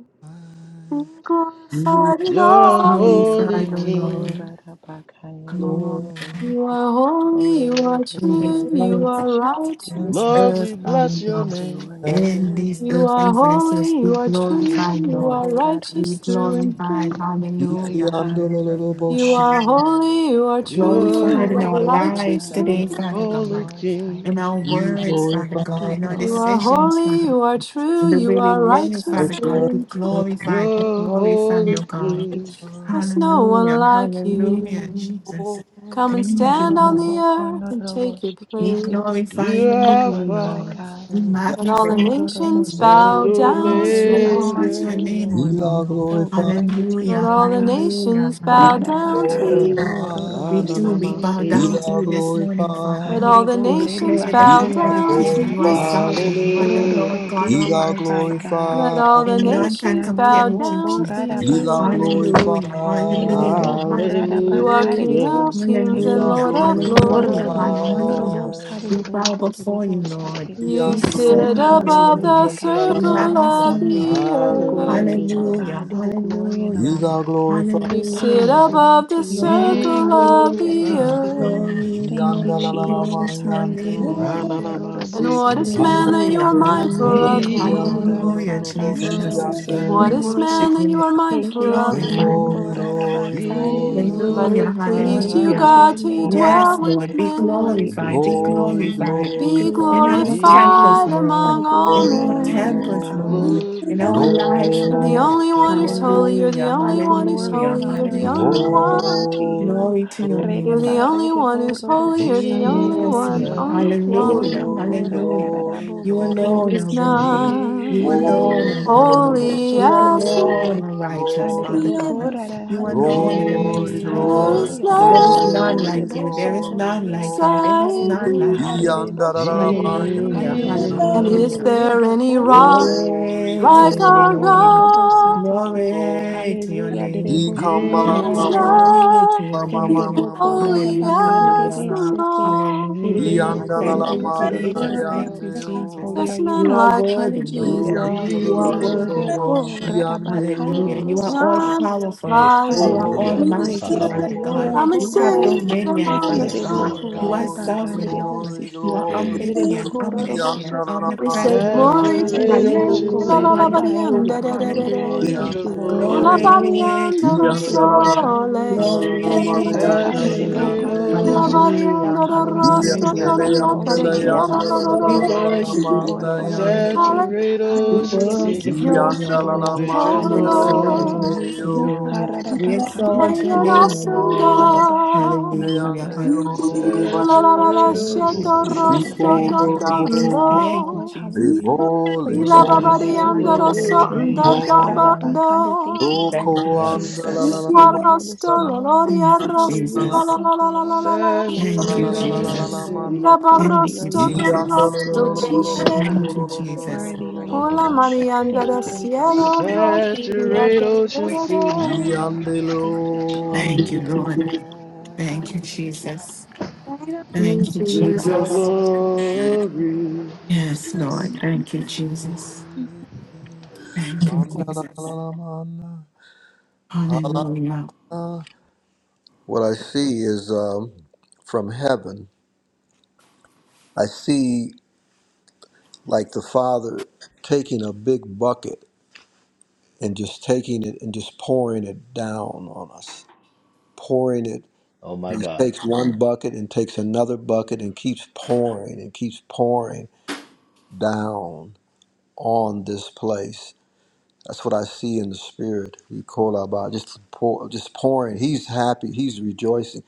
Speaker 6: Be glorified in
Speaker 8: You're a
Speaker 6: all the earth.
Speaker 10: Hanere
Speaker 2: Glorify
Speaker 8: holy
Speaker 2: the
Speaker 10: boko
Speaker 2: Lord.
Speaker 10: ra
Speaker 8: king.
Speaker 10: ra ba ka nere re re
Speaker 2: Glory
Speaker 5: Lord.
Speaker 6: You are
Speaker 10: Ho ro
Speaker 6: holy,
Speaker 10: ro
Speaker 6: you
Speaker 10: ro ro
Speaker 6: are
Speaker 10: ro ro ro
Speaker 2: in
Speaker 10: ro
Speaker 2: this
Speaker 6: true,
Speaker 10: ro
Speaker 6: you
Speaker 2: earth,
Speaker 6: are
Speaker 10: Shikiki
Speaker 6: righteous.
Speaker 2: in this
Speaker 10: hanere
Speaker 5: today.
Speaker 8: Lord, we
Speaker 10: boko.
Speaker 2: earth,
Speaker 8: bless
Speaker 2: Father
Speaker 8: your
Speaker 2: God.
Speaker 8: name.
Speaker 10: Glory to
Speaker 2: In
Speaker 10: your
Speaker 2: these
Speaker 10: name,
Speaker 6: You are
Speaker 2: earthen
Speaker 10: God.
Speaker 2: vessels,
Speaker 6: holy,
Speaker 2: be
Speaker 6: you are true,
Speaker 10: Hallelujah.
Speaker 2: glorified,
Speaker 6: you
Speaker 2: Lord.
Speaker 10: Boko
Speaker 6: are
Speaker 10: ra ra
Speaker 6: righteous
Speaker 2: Be
Speaker 6: through and
Speaker 10: basatiki.
Speaker 2: glorified.
Speaker 6: through.
Speaker 5: Be
Speaker 8: You gotta use
Speaker 2: Hallelujah.
Speaker 8: some
Speaker 5: creando
Speaker 8: trash,
Speaker 5: lo lo
Speaker 8: right?
Speaker 5: lo bo,
Speaker 10: Hallelujah,
Speaker 2: Hallelujah.
Speaker 6: You
Speaker 5: she be
Speaker 6: are
Speaker 10: hallelujah,
Speaker 6: holy, you are
Speaker 8: You're
Speaker 6: true,
Speaker 8: a
Speaker 2: Glorified
Speaker 6: you
Speaker 2: in
Speaker 6: are
Speaker 2: our
Speaker 10: hallelujah,
Speaker 2: lives
Speaker 6: righteous. through
Speaker 2: today,
Speaker 6: and
Speaker 10: hallelujah.
Speaker 2: Father
Speaker 10: Be
Speaker 6: through.
Speaker 8: holy
Speaker 2: God.
Speaker 10: glorified,
Speaker 8: king.
Speaker 2: In our
Speaker 10: God.
Speaker 2: words,
Speaker 5: glorified,
Speaker 2: Father God.
Speaker 10: Be
Speaker 2: In our
Speaker 6: You are
Speaker 10: glorified,
Speaker 2: decisions,
Speaker 10: God.
Speaker 2: Father
Speaker 6: holy, you are true,
Speaker 2: The way
Speaker 6: you
Speaker 2: we
Speaker 6: are
Speaker 10: Oh,
Speaker 2: learn it,
Speaker 6: righteous.
Speaker 2: Father
Speaker 10: God, be
Speaker 5: yeah.
Speaker 6: through
Speaker 2: God, be
Speaker 6: and
Speaker 10: glorified.
Speaker 6: through.
Speaker 2: glorified, be
Speaker 8: You're a
Speaker 2: glorified, oh
Speaker 8: holy
Speaker 10: Glory
Speaker 2: God.
Speaker 10: be to
Speaker 8: king.
Speaker 6: There's no one
Speaker 2: Hallelujah,
Speaker 6: like
Speaker 10: God.
Speaker 2: hallelujah,
Speaker 10: Mm.
Speaker 6: you.
Speaker 2: Jesus.
Speaker 6: Come and
Speaker 2: Thank you,
Speaker 6: stand on
Speaker 2: Lord.
Speaker 6: the
Speaker 10: Gororobo,
Speaker 6: earth and
Speaker 10: konorobo,
Speaker 6: take your
Speaker 2: We
Speaker 10: shikiande.
Speaker 6: place.
Speaker 2: glorify your
Speaker 8: You're
Speaker 10: Be
Speaker 2: name, O
Speaker 10: glorified,
Speaker 2: Lord.
Speaker 8: Alpha
Speaker 10: God.
Speaker 2: We
Speaker 6: Let all
Speaker 2: magnify
Speaker 6: the
Speaker 2: your
Speaker 10: Gororobo,
Speaker 2: name,
Speaker 6: nations
Speaker 2: O
Speaker 8: and
Speaker 6: bow
Speaker 2: Lord.
Speaker 10: sadebo,
Speaker 2: We
Speaker 6: down to
Speaker 10: korereba,
Speaker 2: exalt your
Speaker 6: you.
Speaker 8: Omega.
Speaker 2: name,
Speaker 10: santekie.
Speaker 2: O
Speaker 5: be thou
Speaker 2: Lord.
Speaker 10: Oh,
Speaker 5: glorified,
Speaker 10: glory be to your
Speaker 6: Let
Speaker 2: Hallelujah,
Speaker 10: name,
Speaker 6: all the
Speaker 10: God.
Speaker 2: hallelujah,
Speaker 6: nations
Speaker 5: be
Speaker 6: bow down
Speaker 2: hallelujah.
Speaker 6: to
Speaker 5: thou
Speaker 8: Yes.
Speaker 6: you.
Speaker 10: Radabakaderebo,
Speaker 2: We
Speaker 10: rorobo,
Speaker 2: do. We bow
Speaker 5: glorified,
Speaker 10: sanderebe,
Speaker 5: be
Speaker 8: Ra-na-na-na-na.
Speaker 2: down to
Speaker 5: thou
Speaker 2: you
Speaker 10: kiede.
Speaker 2: this morning,
Speaker 6: Let
Speaker 2: Father.
Speaker 5: glorified,
Speaker 6: all the
Speaker 2: We
Speaker 10: Handerebo
Speaker 6: nations
Speaker 2: declare
Speaker 5: be
Speaker 2: that
Speaker 6: bow
Speaker 2: you are the
Speaker 6: down to
Speaker 2: King, you are
Speaker 10: redebakarabasate.
Speaker 6: you.
Speaker 2: sovereign, you are the
Speaker 8: Hallelujah.
Speaker 10: Rodobo
Speaker 2: Lord God
Speaker 10: be
Speaker 5: thou
Speaker 2: Almighty,
Speaker 10: glorified
Speaker 2: Father.
Speaker 10: God.
Speaker 6: Let all
Speaker 5: glorified,
Speaker 6: the
Speaker 2: And none
Speaker 10: Eki
Speaker 2: can
Speaker 6: nations
Speaker 2: compare
Speaker 6: bow
Speaker 10: anderebo
Speaker 2: with you,
Speaker 10: go
Speaker 6: down to
Speaker 5: be
Speaker 2: Jesus.
Speaker 5: thou
Speaker 10: radabasate ki.
Speaker 6: you.
Speaker 2: Hallelujah,
Speaker 10: Hederebo
Speaker 2: hallelujah,
Speaker 5: glorified,
Speaker 10: go
Speaker 2: hallelujah,
Speaker 6: You are King
Speaker 10: radabakarebo
Speaker 8: Hallelujah.
Speaker 6: of
Speaker 10: sete
Speaker 5: be
Speaker 6: kings
Speaker 10: ki.
Speaker 6: and
Speaker 5: thou
Speaker 2: Hallelujah,
Speaker 6: Lord of
Speaker 5: glorified, be thou
Speaker 2: hallelujah,
Speaker 10: Glororobo
Speaker 6: lords.
Speaker 10: kondorobo
Speaker 2: hallelujah.
Speaker 5: glorified.
Speaker 2: We
Speaker 10: saderebe
Speaker 2: bow before
Speaker 10: kederebo
Speaker 2: you, Lord.
Speaker 10: sate.
Speaker 5: Be
Speaker 6: You
Speaker 5: thou
Speaker 2: We
Speaker 6: sit
Speaker 2: exalt you,
Speaker 6: above the
Speaker 10: Hallelujah,
Speaker 2: Lord.
Speaker 10: God be
Speaker 2: We
Speaker 6: circle
Speaker 2: magnify
Speaker 10: glorified.
Speaker 6: of
Speaker 2: you,
Speaker 6: the
Speaker 2: Lord.
Speaker 10: Oh, glory be to
Speaker 8: Hallelujah.
Speaker 6: earth.
Speaker 2: Hallelujah,
Speaker 10: God. All glory and
Speaker 2: hallelujah,
Speaker 10: honor
Speaker 5: glorified,
Speaker 6: You
Speaker 10: and
Speaker 6: sit
Speaker 10: power
Speaker 2: hallelujah.
Speaker 10: belong
Speaker 6: above
Speaker 10: to
Speaker 6: the
Speaker 10: you,
Speaker 2: Glory,
Speaker 10: God.
Speaker 8: Be
Speaker 6: circle of
Speaker 10: Hallelujah.
Speaker 6: the
Speaker 10: Thank you.
Speaker 8: glorified.
Speaker 6: earth.
Speaker 2: glory,
Speaker 10: Thank you,
Speaker 2: glory, glory
Speaker 10: Jesus.
Speaker 2: to your
Speaker 5: Yandalamayando,
Speaker 2: name, O
Speaker 10: Hallelujah. Thank you,
Speaker 2: Lord.
Speaker 10: Rodobo
Speaker 6: And what is
Speaker 8: Rananamasitiki.
Speaker 6: man that
Speaker 10: Saderebo.
Speaker 6: you
Speaker 2: Hallelujah,
Speaker 6: are mindful of
Speaker 2: hallelujah,
Speaker 10: Enerebo
Speaker 8: Be
Speaker 6: him?
Speaker 2: hallelujah,
Speaker 10: Koradabaka Nerebo
Speaker 2: Jesus.
Speaker 6: What
Speaker 2: We
Speaker 5: glory,
Speaker 8: glorified.
Speaker 6: is
Speaker 10: Senerebeki.
Speaker 6: man
Speaker 2: worship you,
Speaker 6: that you are
Speaker 2: Lord. We
Speaker 6: mindful of
Speaker 10: Hekianerebo
Speaker 2: glorify you, Lord.
Speaker 6: him?
Speaker 8: Be
Speaker 10: korarabakanerebo.
Speaker 6: But
Speaker 2: Hallelujah,
Speaker 6: it pleased
Speaker 10: Glory
Speaker 6: you,
Speaker 10: be
Speaker 2: hallelujah.
Speaker 10: to your
Speaker 6: God,
Speaker 8: glorified.
Speaker 6: to
Speaker 10: name,
Speaker 2: Yes,
Speaker 6: dwell
Speaker 10: God.
Speaker 6: with
Speaker 2: Lord, be
Speaker 6: man.
Speaker 10: Glory be
Speaker 2: glorified, be
Speaker 10: to your name.
Speaker 2: glorified
Speaker 6: Be
Speaker 2: in
Speaker 10: Glory, all
Speaker 2: our
Speaker 10: glory,
Speaker 2: temples,
Speaker 8: Be
Speaker 6: glorified
Speaker 2: Lord,
Speaker 10: all
Speaker 6: among all
Speaker 10: glory
Speaker 2: in our
Speaker 10: and honor and
Speaker 2: temples,
Speaker 10: power.
Speaker 6: men.
Speaker 2: Lord, in
Speaker 10: All
Speaker 2: our
Speaker 10: glory
Speaker 2: lives,
Speaker 8: glorified.
Speaker 10: and
Speaker 6: You're the
Speaker 10: honor
Speaker 2: Lord.
Speaker 10: and
Speaker 6: only one who's
Speaker 10: power.
Speaker 6: holy. You're the
Speaker 2: Hallelujah,
Speaker 10: All
Speaker 6: only one who's
Speaker 10: glory
Speaker 2: hallelujah,
Speaker 10: and
Speaker 6: holy. You're
Speaker 10: honor
Speaker 6: the
Speaker 10: and
Speaker 5: Glory,
Speaker 6: only
Speaker 10: power
Speaker 2: hallelujah.
Speaker 5: glory,
Speaker 6: one.
Speaker 10: belong to
Speaker 5: glory,
Speaker 10: you.
Speaker 2: Glory to your
Speaker 10: Rede
Speaker 6: You're
Speaker 2: name.
Speaker 6: the
Speaker 10: ba
Speaker 6: only
Speaker 10: rede
Speaker 6: one
Speaker 10: bo
Speaker 6: who's
Speaker 10: roro
Speaker 6: holy.
Speaker 10: bo
Speaker 6: You're the
Speaker 10: redebo, de
Speaker 6: only
Speaker 10: bo
Speaker 2: Yes,
Speaker 6: one,
Speaker 2: Lord.
Speaker 10: ki.
Speaker 6: only
Speaker 8: Jesus.
Speaker 10: rede
Speaker 2: Hallelujah.
Speaker 10: bo
Speaker 6: one.
Speaker 10: ko ra ra ra ra
Speaker 2: Hallelujah.
Speaker 10: ra
Speaker 5: glory, glory, glory, glory, glory, glory, glory, glory,
Speaker 10: bo
Speaker 2: You
Speaker 10: ko
Speaker 5: glory,
Speaker 6: There
Speaker 10: rede
Speaker 2: alone
Speaker 6: is
Speaker 10: be
Speaker 2: are
Speaker 10: sende de
Speaker 2: worthy.
Speaker 10: be
Speaker 2: You
Speaker 3: We
Speaker 6: none
Speaker 3: love,
Speaker 5: glory,
Speaker 2: alone
Speaker 10: Erebo, korarararabo, korerebe, senerebe. Enrebo,
Speaker 2: are
Speaker 5: glory,
Speaker 2: holy.
Speaker 10: kororobo,
Speaker 8: Jesus.
Speaker 6: holy
Speaker 2: You
Speaker 10: sororobo,
Speaker 6: as
Speaker 10: ki.
Speaker 6: the
Speaker 10: e.
Speaker 2: alone are righteous, Father
Speaker 5: Glory,
Speaker 10: Hanerebo
Speaker 3: we
Speaker 2: God.
Speaker 3: honor you,
Speaker 10: rara
Speaker 2: You alone
Speaker 10: hallelujah.
Speaker 2: are the
Speaker 5: glory,
Speaker 2: Most High
Speaker 6: Lord. There
Speaker 2: God.
Speaker 6: is
Speaker 5: glory,
Speaker 10: Hallelujah.
Speaker 8: Jesus.
Speaker 2: There
Speaker 10: Rara
Speaker 2: is
Speaker 6: none
Speaker 2: none
Speaker 5: glory,
Speaker 2: like you.
Speaker 10: bakanderebo
Speaker 2: There is
Speaker 10: soto
Speaker 5: glory,
Speaker 2: none
Speaker 10: kie.
Speaker 2: like you.
Speaker 5: glory.
Speaker 2: There is
Speaker 6: beside
Speaker 2: none
Speaker 10: Hallelujah.
Speaker 6: thee.
Speaker 2: like you.
Speaker 10: Harerebo soto.
Speaker 2: Hallelujah.
Speaker 10: Hanerebo
Speaker 8: Jesus.
Speaker 10: ko
Speaker 6: And
Speaker 5: Yandarararabayandariyandarabu.
Speaker 6: is
Speaker 2: Hallelujah.
Speaker 6: there
Speaker 10: rerebo
Speaker 6: any
Speaker 10: ko
Speaker 6: rock
Speaker 10: rereba.
Speaker 5: Glory,
Speaker 2: Glory to
Speaker 6: like
Speaker 5: glory,
Speaker 2: your
Speaker 10: Hanerebo
Speaker 6: our
Speaker 10: ko
Speaker 2: name.
Speaker 10: rorobo
Speaker 8: Ramamamamama,
Speaker 6: God?
Speaker 8: say,
Speaker 10: sateki.
Speaker 5: glory.
Speaker 2: Glory to your
Speaker 10: Hallelujah.
Speaker 2: name.
Speaker 10: Derebo ko
Speaker 6: There
Speaker 10: rorobo
Speaker 6: is
Speaker 8: Jesus,
Speaker 10: soto
Speaker 5: Ikamalamamalamamalama.
Speaker 2: Glory
Speaker 10: ki.
Speaker 2: to
Speaker 6: none
Speaker 2: your name.
Speaker 10: Henerebo ko rara
Speaker 6: holy as
Speaker 10: bakanerebe
Speaker 6: the
Speaker 2: Hallelujah.
Speaker 10: sete.
Speaker 6: Lord.
Speaker 10: Herebo
Speaker 2: Hallelujah.
Speaker 10: ko
Speaker 2: Thank you,
Speaker 8: Jesus,
Speaker 3: we're
Speaker 2: Jesus. Thank
Speaker 10: rorororororororo.
Speaker 2: you,
Speaker 5: Yandalalamanayandeo.
Speaker 2: Jesus.
Speaker 10: Holy are
Speaker 6: There's
Speaker 10: you,
Speaker 6: none
Speaker 2: You are
Speaker 10: God.
Speaker 6: like
Speaker 2: worthy,
Speaker 6: you,
Speaker 10: Hallelujah.
Speaker 2: Lord.
Speaker 6: Jesus.
Speaker 2: You
Speaker 8: be
Speaker 2: are worthy,
Speaker 8: thou
Speaker 5: Yandalalabobo.
Speaker 10: Ererebo-ko,
Speaker 2: Lord. Hallelujah.
Speaker 10: rarabakanderebo,
Speaker 5: Shiandeo.
Speaker 2: You are all
Speaker 8: glorified.
Speaker 6: None
Speaker 10: sotekie.
Speaker 2: powerful.
Speaker 5: Glory,
Speaker 6: like
Speaker 2: You are
Speaker 10: Hallelujah.
Speaker 5: glory,
Speaker 10: There
Speaker 6: you.
Speaker 10: is
Speaker 2: almighty,
Speaker 10: none like you.
Speaker 2: Father God.
Speaker 3: leader.
Speaker 6: Come
Speaker 5: glory,
Speaker 6: and
Speaker 2: You
Speaker 10: Yororoboko,
Speaker 2: have
Speaker 6: sit
Speaker 10: rerere.
Speaker 2: dominion,
Speaker 6: among the
Speaker 2: Father
Speaker 5: glory,
Speaker 2: God.
Speaker 6: stars.
Speaker 10: Ererebo-ko,
Speaker 2: You are
Speaker 5: glory,
Speaker 2: sovereign, Lord.
Speaker 5: glory,
Speaker 2: You
Speaker 10: siki.
Speaker 2: are
Speaker 5: glory.
Speaker 2: omnipotent,
Speaker 10: Ererebo-ko, rorobo,
Speaker 2: omniscient,
Speaker 6: We say
Speaker 10: sotorororo.
Speaker 2: omnipresent, Lord.
Speaker 6: glory to your
Speaker 8: Saturate
Speaker 10: Hallelujah.
Speaker 6: name.
Speaker 8: Ocean
Speaker 6: La
Speaker 2: Hallelujah,
Speaker 6: la la
Speaker 8: City
Speaker 6: ba
Speaker 10: Rerereba,
Speaker 6: di um,
Speaker 2: hallelujah,
Speaker 6: da da da
Speaker 10: rarabakande.
Speaker 6: da da.
Speaker 8: with
Speaker 2: hallelujah.
Speaker 10: Thank
Speaker 8: your
Speaker 10: you, Lord.
Speaker 6: Ooh, La
Speaker 8: glory.
Speaker 6: ba di
Speaker 10: Hallelujah.
Speaker 2: Glory
Speaker 6: um,
Speaker 2: to
Speaker 6: da
Speaker 2: your
Speaker 6: da
Speaker 10: Thank you, Lord.
Speaker 2: name.
Speaker 6: sole
Speaker 10: Hallelujah.
Speaker 6: shake da
Speaker 10: Thank
Speaker 6: da.
Speaker 10: you,
Speaker 2: Glory to
Speaker 10: Lord.
Speaker 2: your
Speaker 10: harerebo
Speaker 2: name.
Speaker 8: Saturate
Speaker 6: Ee, La
Speaker 8: Ocean
Speaker 6: ba di um,
Speaker 10: All
Speaker 8: City.
Speaker 2: Hallelujah,
Speaker 6: da da
Speaker 10: power and
Speaker 6: ro,
Speaker 10: honor and
Speaker 6: sa,
Speaker 2: hallelujah,
Speaker 6: da da
Speaker 10: glory
Speaker 6: ya,
Speaker 10: belong
Speaker 6: da
Speaker 10: to
Speaker 6: da
Speaker 10: you.
Speaker 6: kia,
Speaker 2: hallelujah.
Speaker 6: da da da
Speaker 2: We
Speaker 10: Hallelujah.
Speaker 6: da.
Speaker 2: worship
Speaker 10: Thank you,
Speaker 2: you, O
Speaker 10: Lord, for what you're
Speaker 2: Lord.
Speaker 10: doing.
Speaker 8: Saturate
Speaker 2: We
Speaker 6: Hallelujah
Speaker 8: Ocean
Speaker 10: Hallelujah.
Speaker 6: to
Speaker 10: Thank you
Speaker 2: worship
Speaker 8: City
Speaker 10: for
Speaker 2: you, O
Speaker 10: your
Speaker 6: your
Speaker 5: Yandala
Speaker 10: spirit.
Speaker 6: name,
Speaker 2: Lord.
Speaker 8: with your
Speaker 6: O
Speaker 2: We
Speaker 10: Hallelujah. That is
Speaker 8: glory.
Speaker 6: Lord,
Speaker 2: exalt
Speaker 10: moving.
Speaker 2: you. We
Speaker 6: your
Speaker 2: exalt
Speaker 6: great
Speaker 2: your
Speaker 6: and
Speaker 2: name, O
Speaker 10: Hararabakanerebokororo.
Speaker 6: awesome
Speaker 10: On the
Speaker 2: Lord.
Speaker 10: behalf of
Speaker 6: God.
Speaker 10: my
Speaker 2: Hallelujah,
Speaker 10: Father.
Speaker 2: hallelujah.
Speaker 6: O la la la la,
Speaker 8: Saturate
Speaker 10: Ocean
Speaker 2: Thank
Speaker 10: City,
Speaker 8: Ocean
Speaker 2: you,
Speaker 10: Lord,
Speaker 6: sheto
Speaker 2: Jesus.
Speaker 10: Ocean
Speaker 8: City
Speaker 6: rosto
Speaker 10: Spring,
Speaker 2: Thank
Speaker 6: to
Speaker 2: you,
Speaker 10: Maryland.
Speaker 2: Jesus.
Speaker 5: Ikolabo,
Speaker 10: Thank you,
Speaker 2: Thank you,
Speaker 10: Lord.
Speaker 6: torno.
Speaker 2: Jesus.
Speaker 10: Hallelujah.
Speaker 5: lebo,
Speaker 10: For your
Speaker 6: Y
Speaker 5: lebo,
Speaker 6: la
Speaker 10: spirit that
Speaker 8: with
Speaker 10: is
Speaker 2: Hallelujah,
Speaker 8: your
Speaker 10: moving
Speaker 6: babariando
Speaker 10: among the
Speaker 6: rosso,
Speaker 2: hallelujah,
Speaker 10: team.
Speaker 6: do
Speaker 8: glory.
Speaker 6: do do
Speaker 2: hallelujah.
Speaker 10: Radabakande, thank you,
Speaker 6: do.
Speaker 5: loko
Speaker 10: Lord,
Speaker 2: Thank you,
Speaker 10: for your
Speaker 5: anda
Speaker 10: spirit
Speaker 5: la
Speaker 10: that
Speaker 5: la
Speaker 10: is
Speaker 2: Jesus.
Speaker 5: la ma,
Speaker 10: moving here this
Speaker 6: Arrosto,
Speaker 5: la la
Speaker 6: la
Speaker 10: morning.
Speaker 6: gloria,
Speaker 2: Thank you,
Speaker 6: arrosto,
Speaker 5: la
Speaker 6: y
Speaker 10: Hallelujah.
Speaker 6: la la
Speaker 5: la la
Speaker 2: Jesus.
Speaker 6: la
Speaker 10: Thank you,
Speaker 6: la la la
Speaker 10: Lord.
Speaker 6: la la.
Speaker 10: Blessed
Speaker 2: Thank
Speaker 5: la la la
Speaker 10: be
Speaker 2: you,
Speaker 6: Y
Speaker 8: Saturate
Speaker 10: the
Speaker 5: la la
Speaker 10: name
Speaker 5: la
Speaker 10: of the
Speaker 8: Ocean
Speaker 2: Jesus.
Speaker 10: Lord.
Speaker 8: City.
Speaker 5: manda.
Speaker 6: la
Speaker 2: Thank
Speaker 10: Worthy are
Speaker 2: you,
Speaker 10: you,
Speaker 6: barrosto,
Speaker 10: Lord.
Speaker 5: Iando
Speaker 2: Jesus.
Speaker 5: lo
Speaker 6: torrosto,
Speaker 5: lo lo lo
Speaker 10: Worthy
Speaker 5: lo
Speaker 10: are you,
Speaker 5: lo lo lo lo lo lo
Speaker 2: Thank
Speaker 10: God.
Speaker 6: chishe.
Speaker 2: you,
Speaker 8: Lame.
Speaker 5: lo lo lo
Speaker 2: Jesus.
Speaker 5: lo
Speaker 10: Worthy are
Speaker 5: lo lo
Speaker 10: you,
Speaker 5: lo.
Speaker 6: Hola
Speaker 10: God.
Speaker 6: María under
Speaker 10: Thank you
Speaker 6: the
Speaker 10: for
Speaker 6: cielo
Speaker 10: equipping us.
Speaker 6: rojiría
Speaker 10: Glory
Speaker 8: Saturate
Speaker 10: be to
Speaker 8: Ocean Wait,
Speaker 10: God.
Speaker 8: City don't,
Speaker 10: Hallelujah.
Speaker 8: don't give
Speaker 5: Iande
Speaker 8: me any.
Speaker 5: lo.
Speaker 10: Thank you,
Speaker 2: Thank you,
Speaker 10: Jesus.
Speaker 2: Lord. Thank you,
Speaker 10: Hallelujah.
Speaker 2: Jesus. Thank you,
Speaker 6: que
Speaker 8: with your
Speaker 2: Jesus.
Speaker 8: glory.
Speaker 2: Yes,
Speaker 3: bless
Speaker 2: Lord. Thank you, Jesus.
Speaker 3: you.
Speaker 2: Thank you,
Speaker 5: Anda la la
Speaker 2: Jesus.
Speaker 5: la la manda. La la
Speaker 2: Hallelujah.
Speaker 5: la. What I see is um, from heaven. I see like the Father taking a big bucket and just taking it and just pouring it down on us, pouring it. He takes one bucket and takes another bucket and keeps pouring and keeps pouring down on this place. That's what I see in the spirit. We call our about just pour, just pouring. He's happy. He's rejoicing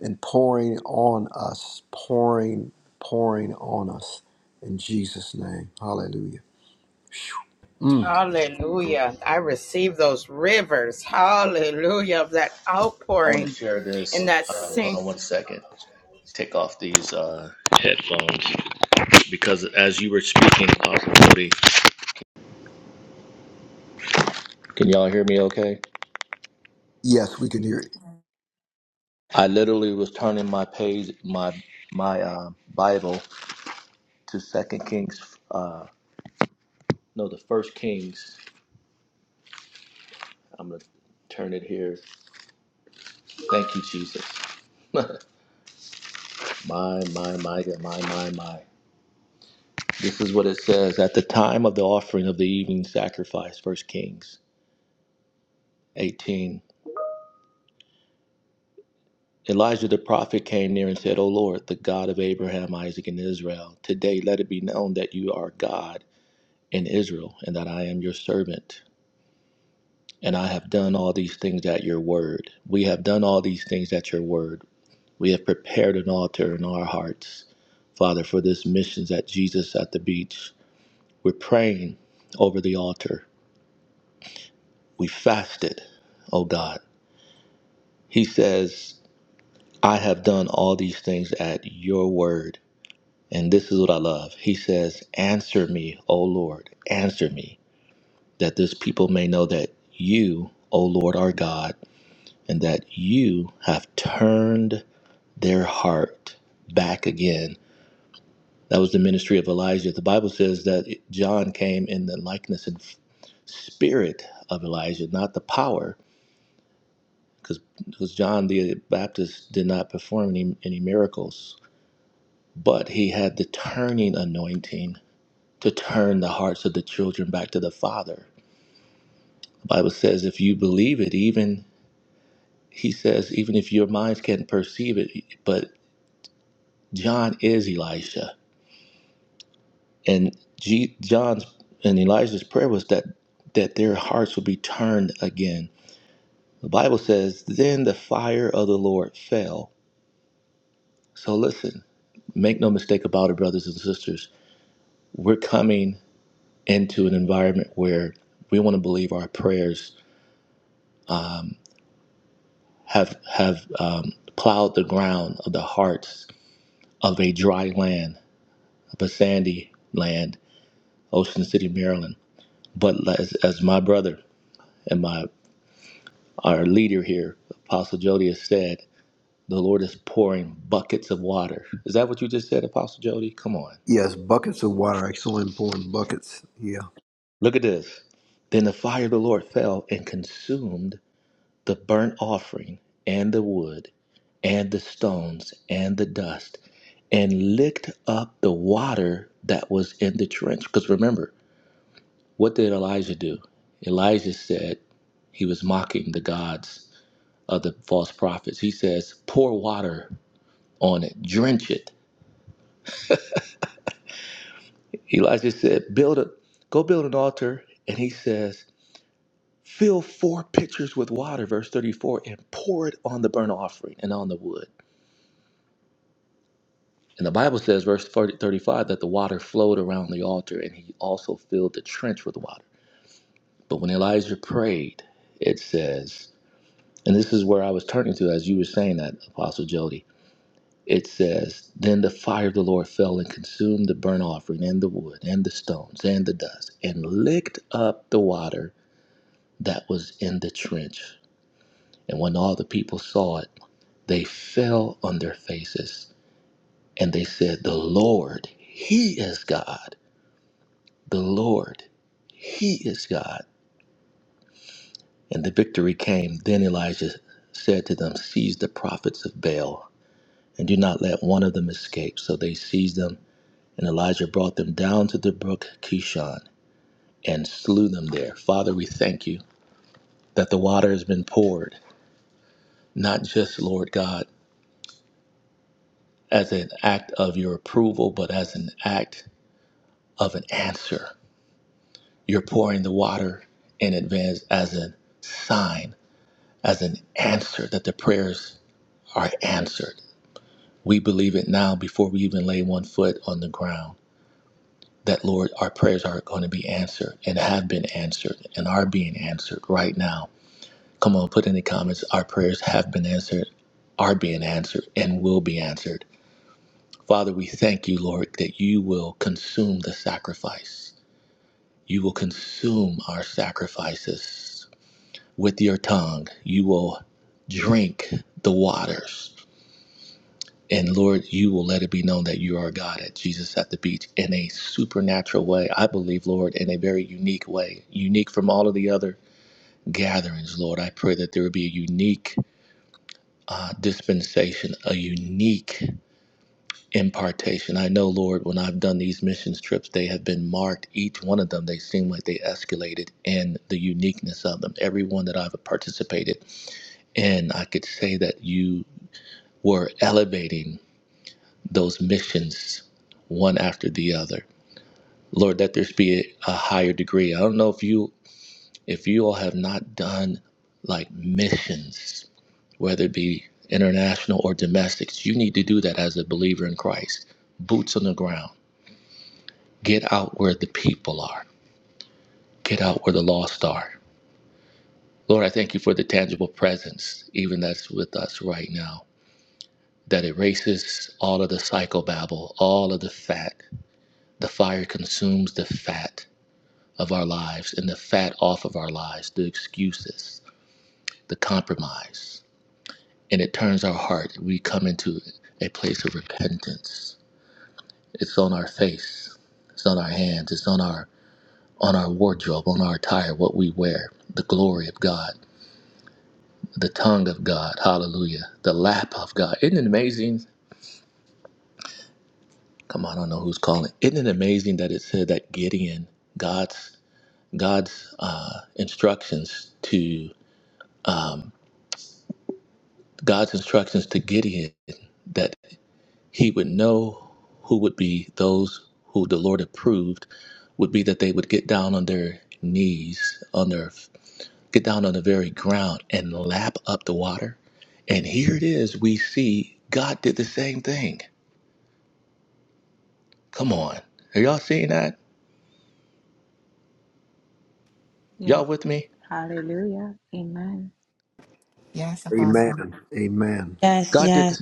Speaker 5: and pouring on us, pouring, pouring on us. In Jesus' name, Hallelujah. Mm.
Speaker 4: Hallelujah. I receive those rivers. Hallelujah. Of that outpouring. in that same.
Speaker 5: Yes, we can hear it. Yes, buckets of water are so important. Buckets. Yeah.
Speaker 10: Yes. Hallelujah. Amen.
Speaker 2: Yes,
Speaker 5: Amen.
Speaker 2: Apostle.
Speaker 5: Amen.
Speaker 3: Yes, yes,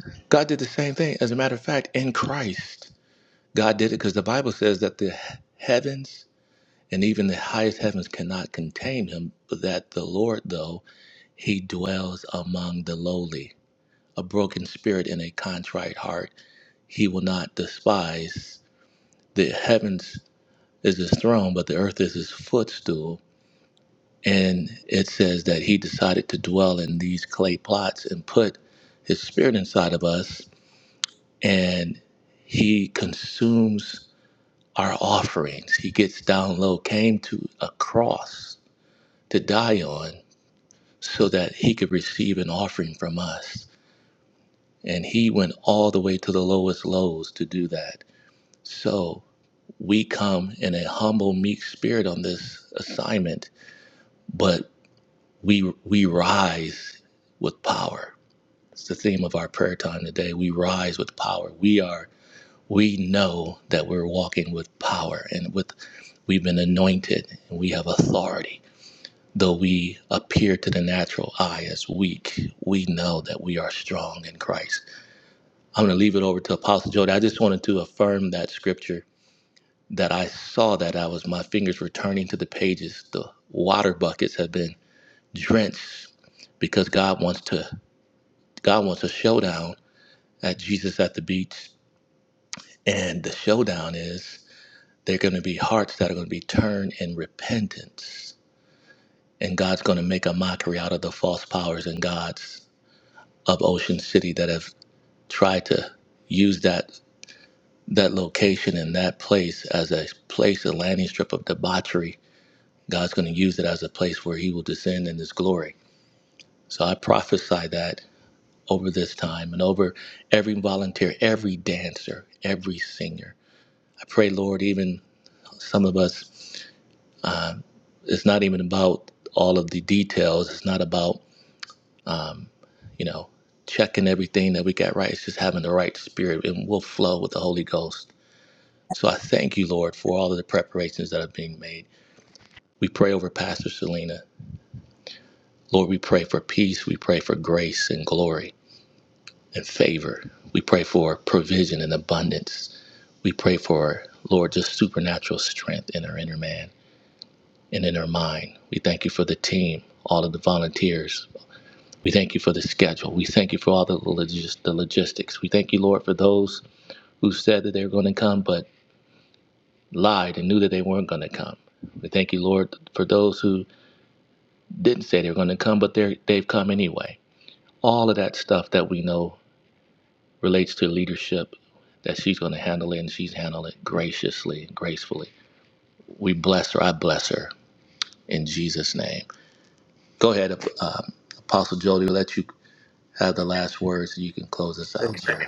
Speaker 5: Amen.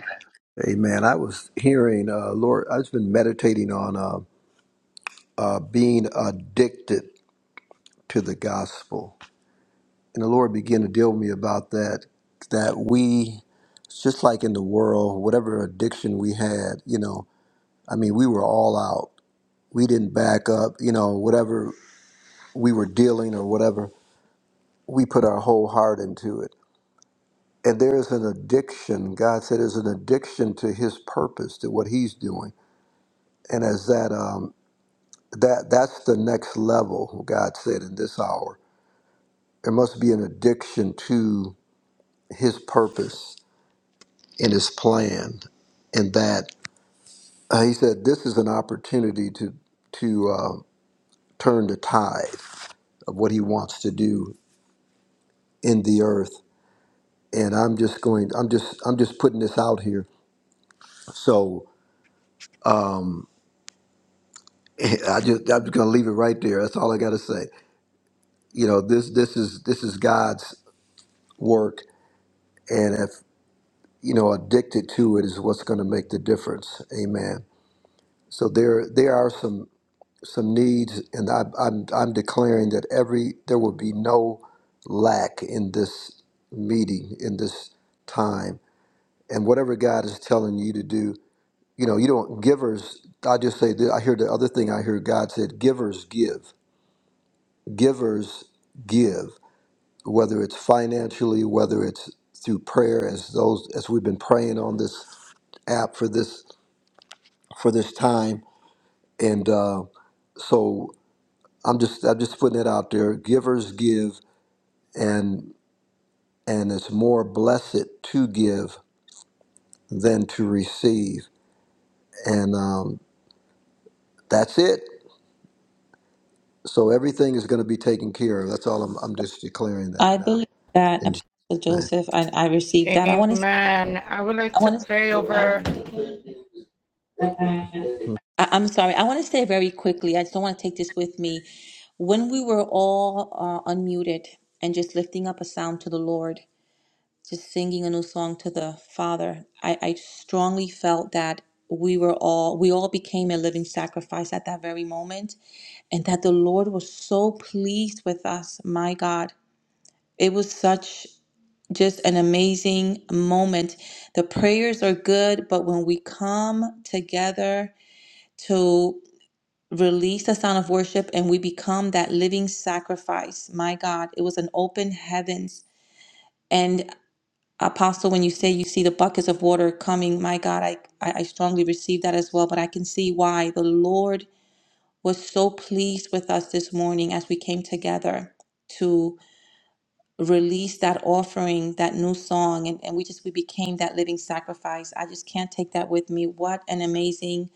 Speaker 5: Amen. I was hearing, uh, Lord, I've been meditating on uh, uh, being addicted to the gospel, and the Lord began to deal with me about that. That we, just like in the world, whatever addiction we had, you know, I mean, we were all out. We didn't back up, you know, whatever we were dealing or whatever, we put our whole heart into it. And there is an addiction. God said there's an addiction to His purpose, to what He's doing and as that um, that that's the next level god said in this hour there must be an addiction to his purpose and his plan and that uh, he said this is an opportunity to to uh, turn the tide of what he wants to do in the earth and i'm just going i'm just i'm just putting this out here so um i just i'm just gonna leave it right there that's all i gotta say you know this this is this is god's work and if you know, addicted to it is what's going to make the difference. Amen. So there, there are some some needs, and I, I'm I'm declaring that every there will be no lack in this meeting in this time, and whatever God is telling you to do, you know, you don't givers. I just say that I hear the other thing I hear God said: givers give, givers give, whether it's financially, whether it's through prayer, as those as we've been praying on this app for this for this time. And uh, so I'm just I'm just putting it out there. Givers give, and and it's more blessed to give than to receive. And um, that's it. So everything is going to be taken care of. That's all I'm, I'm just declaring that
Speaker 3: I
Speaker 5: now.
Speaker 3: believe that,
Speaker 5: In Jesus'
Speaker 3: Apostle
Speaker 5: name.
Speaker 3: Joseph, and I received that. I want to,
Speaker 4: Amen. I would like
Speaker 3: I
Speaker 4: to
Speaker 3: want to,
Speaker 4: pray over
Speaker 3: I, I'm sorry, I want to say very quickly. I just don't want to take this with me. When we were all uh, unmuted and just lifting up a sound to the Lord, just singing a new song to the Father, I, I strongly felt that we were all, we all became a living sacrifice at that very moment, and that the Lord was so pleased with us, my God It was such just an amazing moment. The prayers are good, but when we come together to release the sound of worship and we become that living sacrifice, my God, it was an open heavens. And Apostle, when you say you see the buckets of water coming, my God, I, I I strongly receive that as well, but I can see why the Lord was so pleased with us this morning as we came together to. release that offering, that new song, and, and we just we became that living sacrifice. I just can't take that with me. What an amazing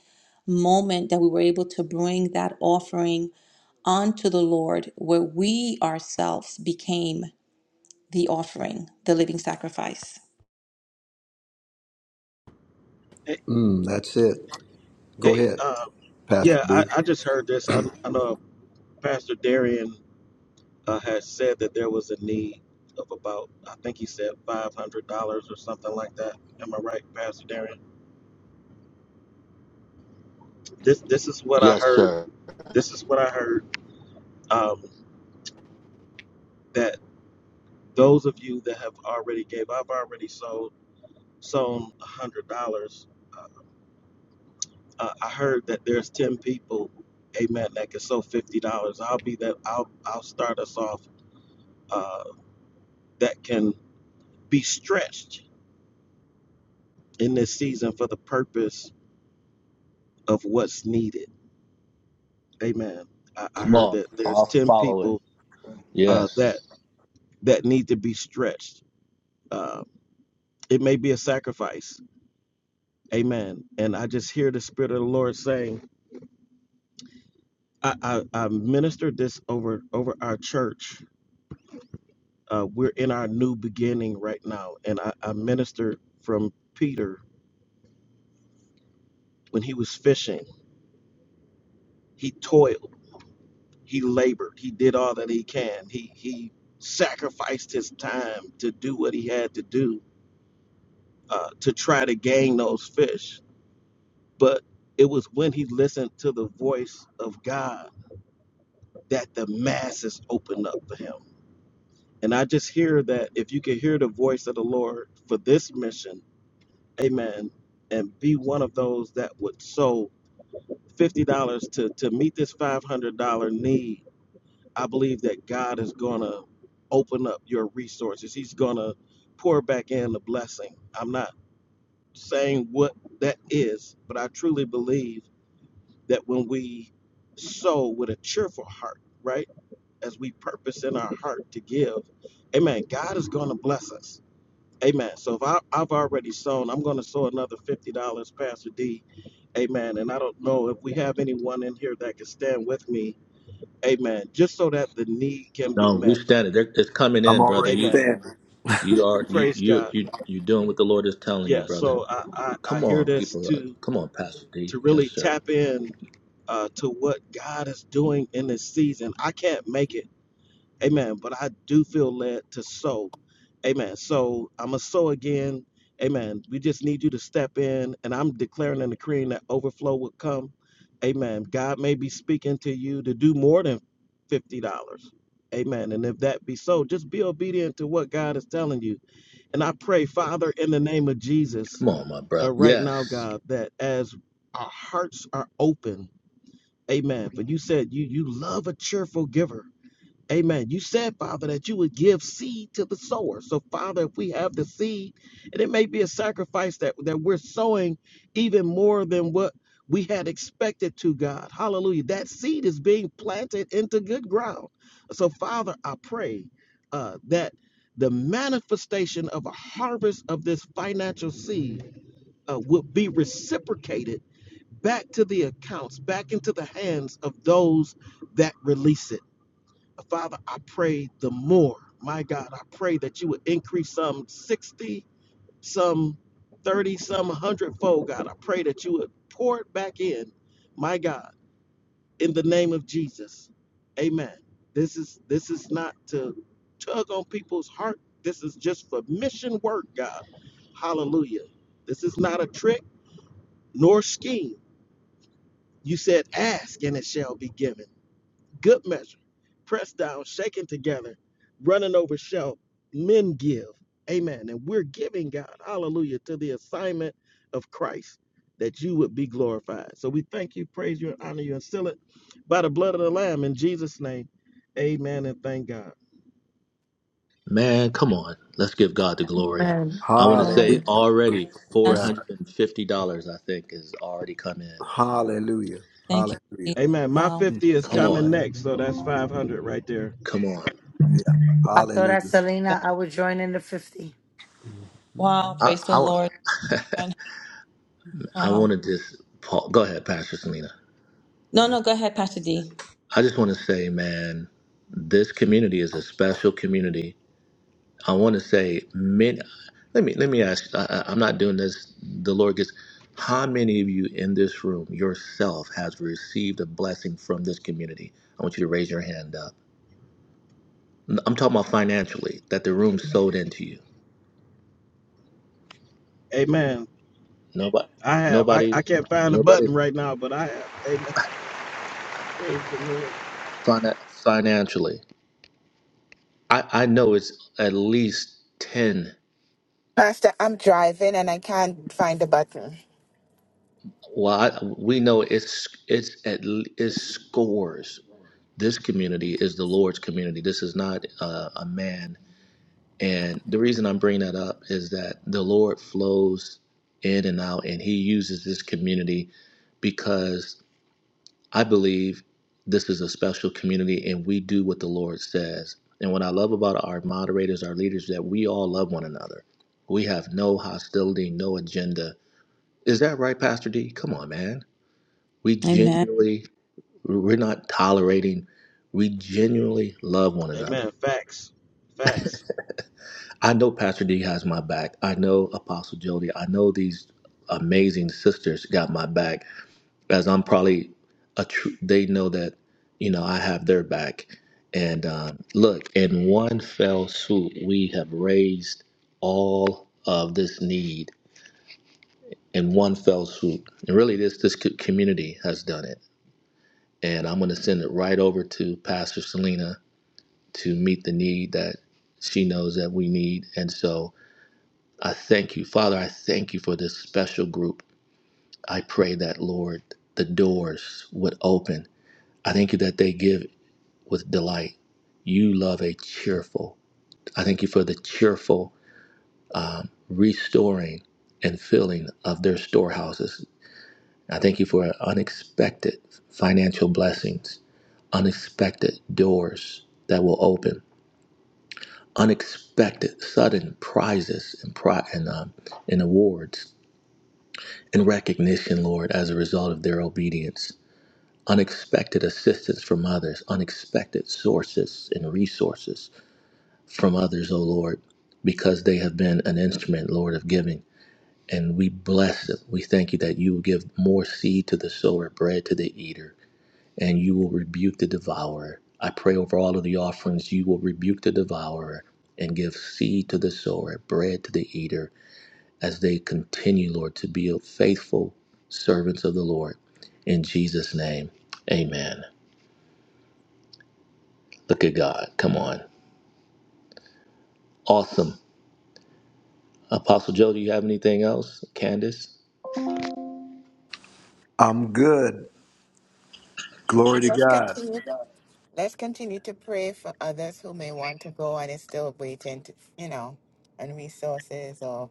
Speaker 3: moment that we were able to bring that offering onto the Lord, where we ourselves became the offering, the living sacrifice.
Speaker 8: Hey,
Speaker 5: Mm, that's it. Go
Speaker 8: hey,
Speaker 5: ahead,
Speaker 8: uh,
Speaker 5: Pastor
Speaker 8: yeah,
Speaker 5: B.
Speaker 8: I, I just heard this. I, I know Pastor Darian uh, had said that there was a need of about, I think he said five hundred dollars or something like that. Am I right, Pastor Darian? This this is what I heard. This is what I heard. Um, that those of you that have already gave, I've already sold. Sown a hundred dollars. Uh, I I heard that there's ten people, amen, that can sow fifty dollars. I'll be that. I'll I'll start us off. Uh, that can be stretched in this season for the purpose of what's needed. Amen. I, I heard that there's ten people uh, that that need to be stretched. Uh, it may be a sacrifice. Amen. And I just hear the spirit of the Lord saying, I, I, I ministered this over over our church Uh, we're in our new beginning right now. And I, I ministered from Peter when he was fishing. He toiled, he labored, he did all that he can. He, he sacrificed his time to do what he had to do uh, to try to gain those fish. But it was when he listened to the voice of God that the masses opened up for him. And I just hear that if you can hear the voice of the Lord for this mission, amen, and be one of those that would sow fifty dollars to to meet this five hundred dollar need, I believe that God is gonna open up your resources. He's gonna pour back in the blessing. I'm not saying what that is, but I truly believe that when we sow with a cheerful heart, right, as we purpose in our heart to give, Amen. God is gonna bless us. Amen. So if I, I've already sown, I'm going to sow another fifty dollars, Pastor D. Amen. And I don't know if we have anyone in here that can stand with me. Amen. Just so that the need can be met.
Speaker 5: I'm already
Speaker 8: Amen.
Speaker 5: standing.
Speaker 8: Praise God. Yeah. So I I, I hear this to to really tap in uh, to what God is doing in this season. I can't make it. Amen. But I do feel led to sow. Amen. So I'm going to sow again. Amen. We just need you to step in, and I'm declaring and decreeing that overflow will come. Amen. God may be speaking to you to do more than $50. Amen. And if that be so, just be obedient to what God is telling you. And I pray, Father, in the name of Jesus, uh, right now, God, that as our hearts are open, amen. For you said you you love a cheerful giver. Amen. You said, Father, that you would give seed to the sower. So, Father, if we have the seed, and it may be a sacrifice that, that we're sowing even more than what we had expected to God. Hallelujah. That seed is being planted into good ground. So, Father, I pray uh, that the manifestation of a harvest of this financial seed uh, will be reciprocated back to the accounts, back into the hands of those that release it. Father, I pray the more. My God, I pray that you would increase some 60, some 30, some 100 fold, God. I pray that you would pour it back in, my God, in the name of Jesus. Amen. This is this is not to tug on people's heart. This is just for mission work, God. Hallelujah. This is not a trick nor scheme. You said, ask and it shall be given. good measure, pressed down, shaken together, running over shall men give. Amen. And we're giving God, hallelujah, to the assignment of Christ that you would be glorified. So we thank you, praise you, and honor you, and seal it by the blood of the Lamb in Jesus' name. Amen. And thank God.
Speaker 7: Amen.
Speaker 5: Hallelujah.
Speaker 7: Amen.
Speaker 5: Glory to
Speaker 3: Yes.
Speaker 5: God. Hallelujah.
Speaker 3: Thank you. Jesus.
Speaker 5: Hallelujah.
Speaker 8: Amen. My
Speaker 3: Wow.
Speaker 5: Mm,
Speaker 8: 50 is
Speaker 3: Thank you, Lord.
Speaker 8: coming next, so that's 500 right there.
Speaker 5: Yeah.
Speaker 7: I thought,
Speaker 5: Hallelujah.
Speaker 7: at Selena, I would join in the 50.
Speaker 3: Wow, praise the Lord. Wow. No, no, go ahead, Pastor D.
Speaker 8: Amen. I have. I, I can't find the button right now, but I have. Amen. Praise the Lord.
Speaker 2: Pastor, I'm driving and I can't find the button.
Speaker 3: Amen.
Speaker 8: Amen. Facts. Facts.
Speaker 5: I'm good. Glory to
Speaker 2: Let's
Speaker 5: God.
Speaker 2: continue. Let's continue to pray for others who may want to go and is still waiting, to, you know, and resources or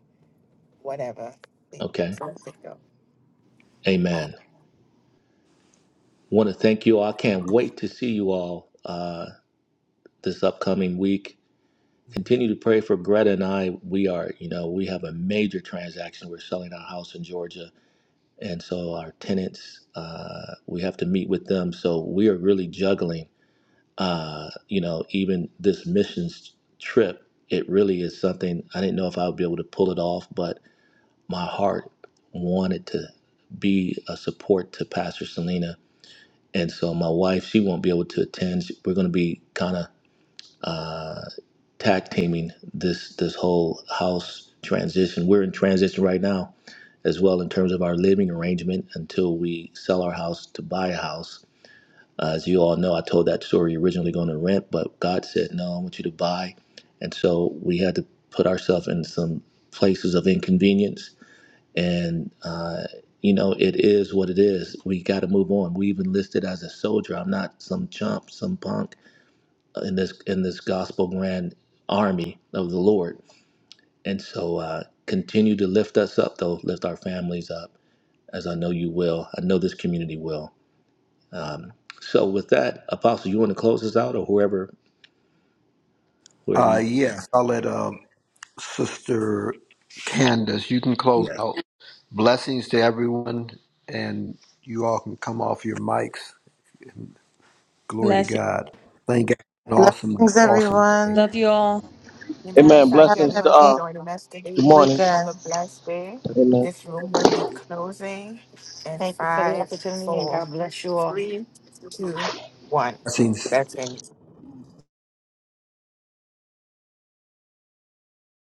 Speaker 2: whatever. We- So to go.
Speaker 5: Uh, yes, I'll let uh, Sister Candace, you can close out. Blessings to everyone, and you all can come off your mics. Glory to
Speaker 3: Bless
Speaker 5: God. Thank God. An awesome,
Speaker 11: Blessings
Speaker 5: awesome
Speaker 11: everyone.
Speaker 3: Love you all.
Speaker 2: Amen.
Speaker 8: Amen.
Speaker 2: Thank
Speaker 11: Have
Speaker 2: you,
Speaker 8: Blessings
Speaker 11: an
Speaker 8: to
Speaker 2: everyone, for
Speaker 11: amazing
Speaker 8: uh,
Speaker 2: joining us
Speaker 8: good
Speaker 2: today.
Speaker 11: We
Speaker 8: morning.
Speaker 2: Have a
Speaker 11: can.
Speaker 2: blessed day.
Speaker 8: Amen.
Speaker 2: This room will be closing in
Speaker 7: Thank you for the
Speaker 2: five,
Speaker 7: opportunity and
Speaker 2: four,
Speaker 7: God bless you all.
Speaker 2: three, two, one.
Speaker 5: blessings.
Speaker 2: Blessings.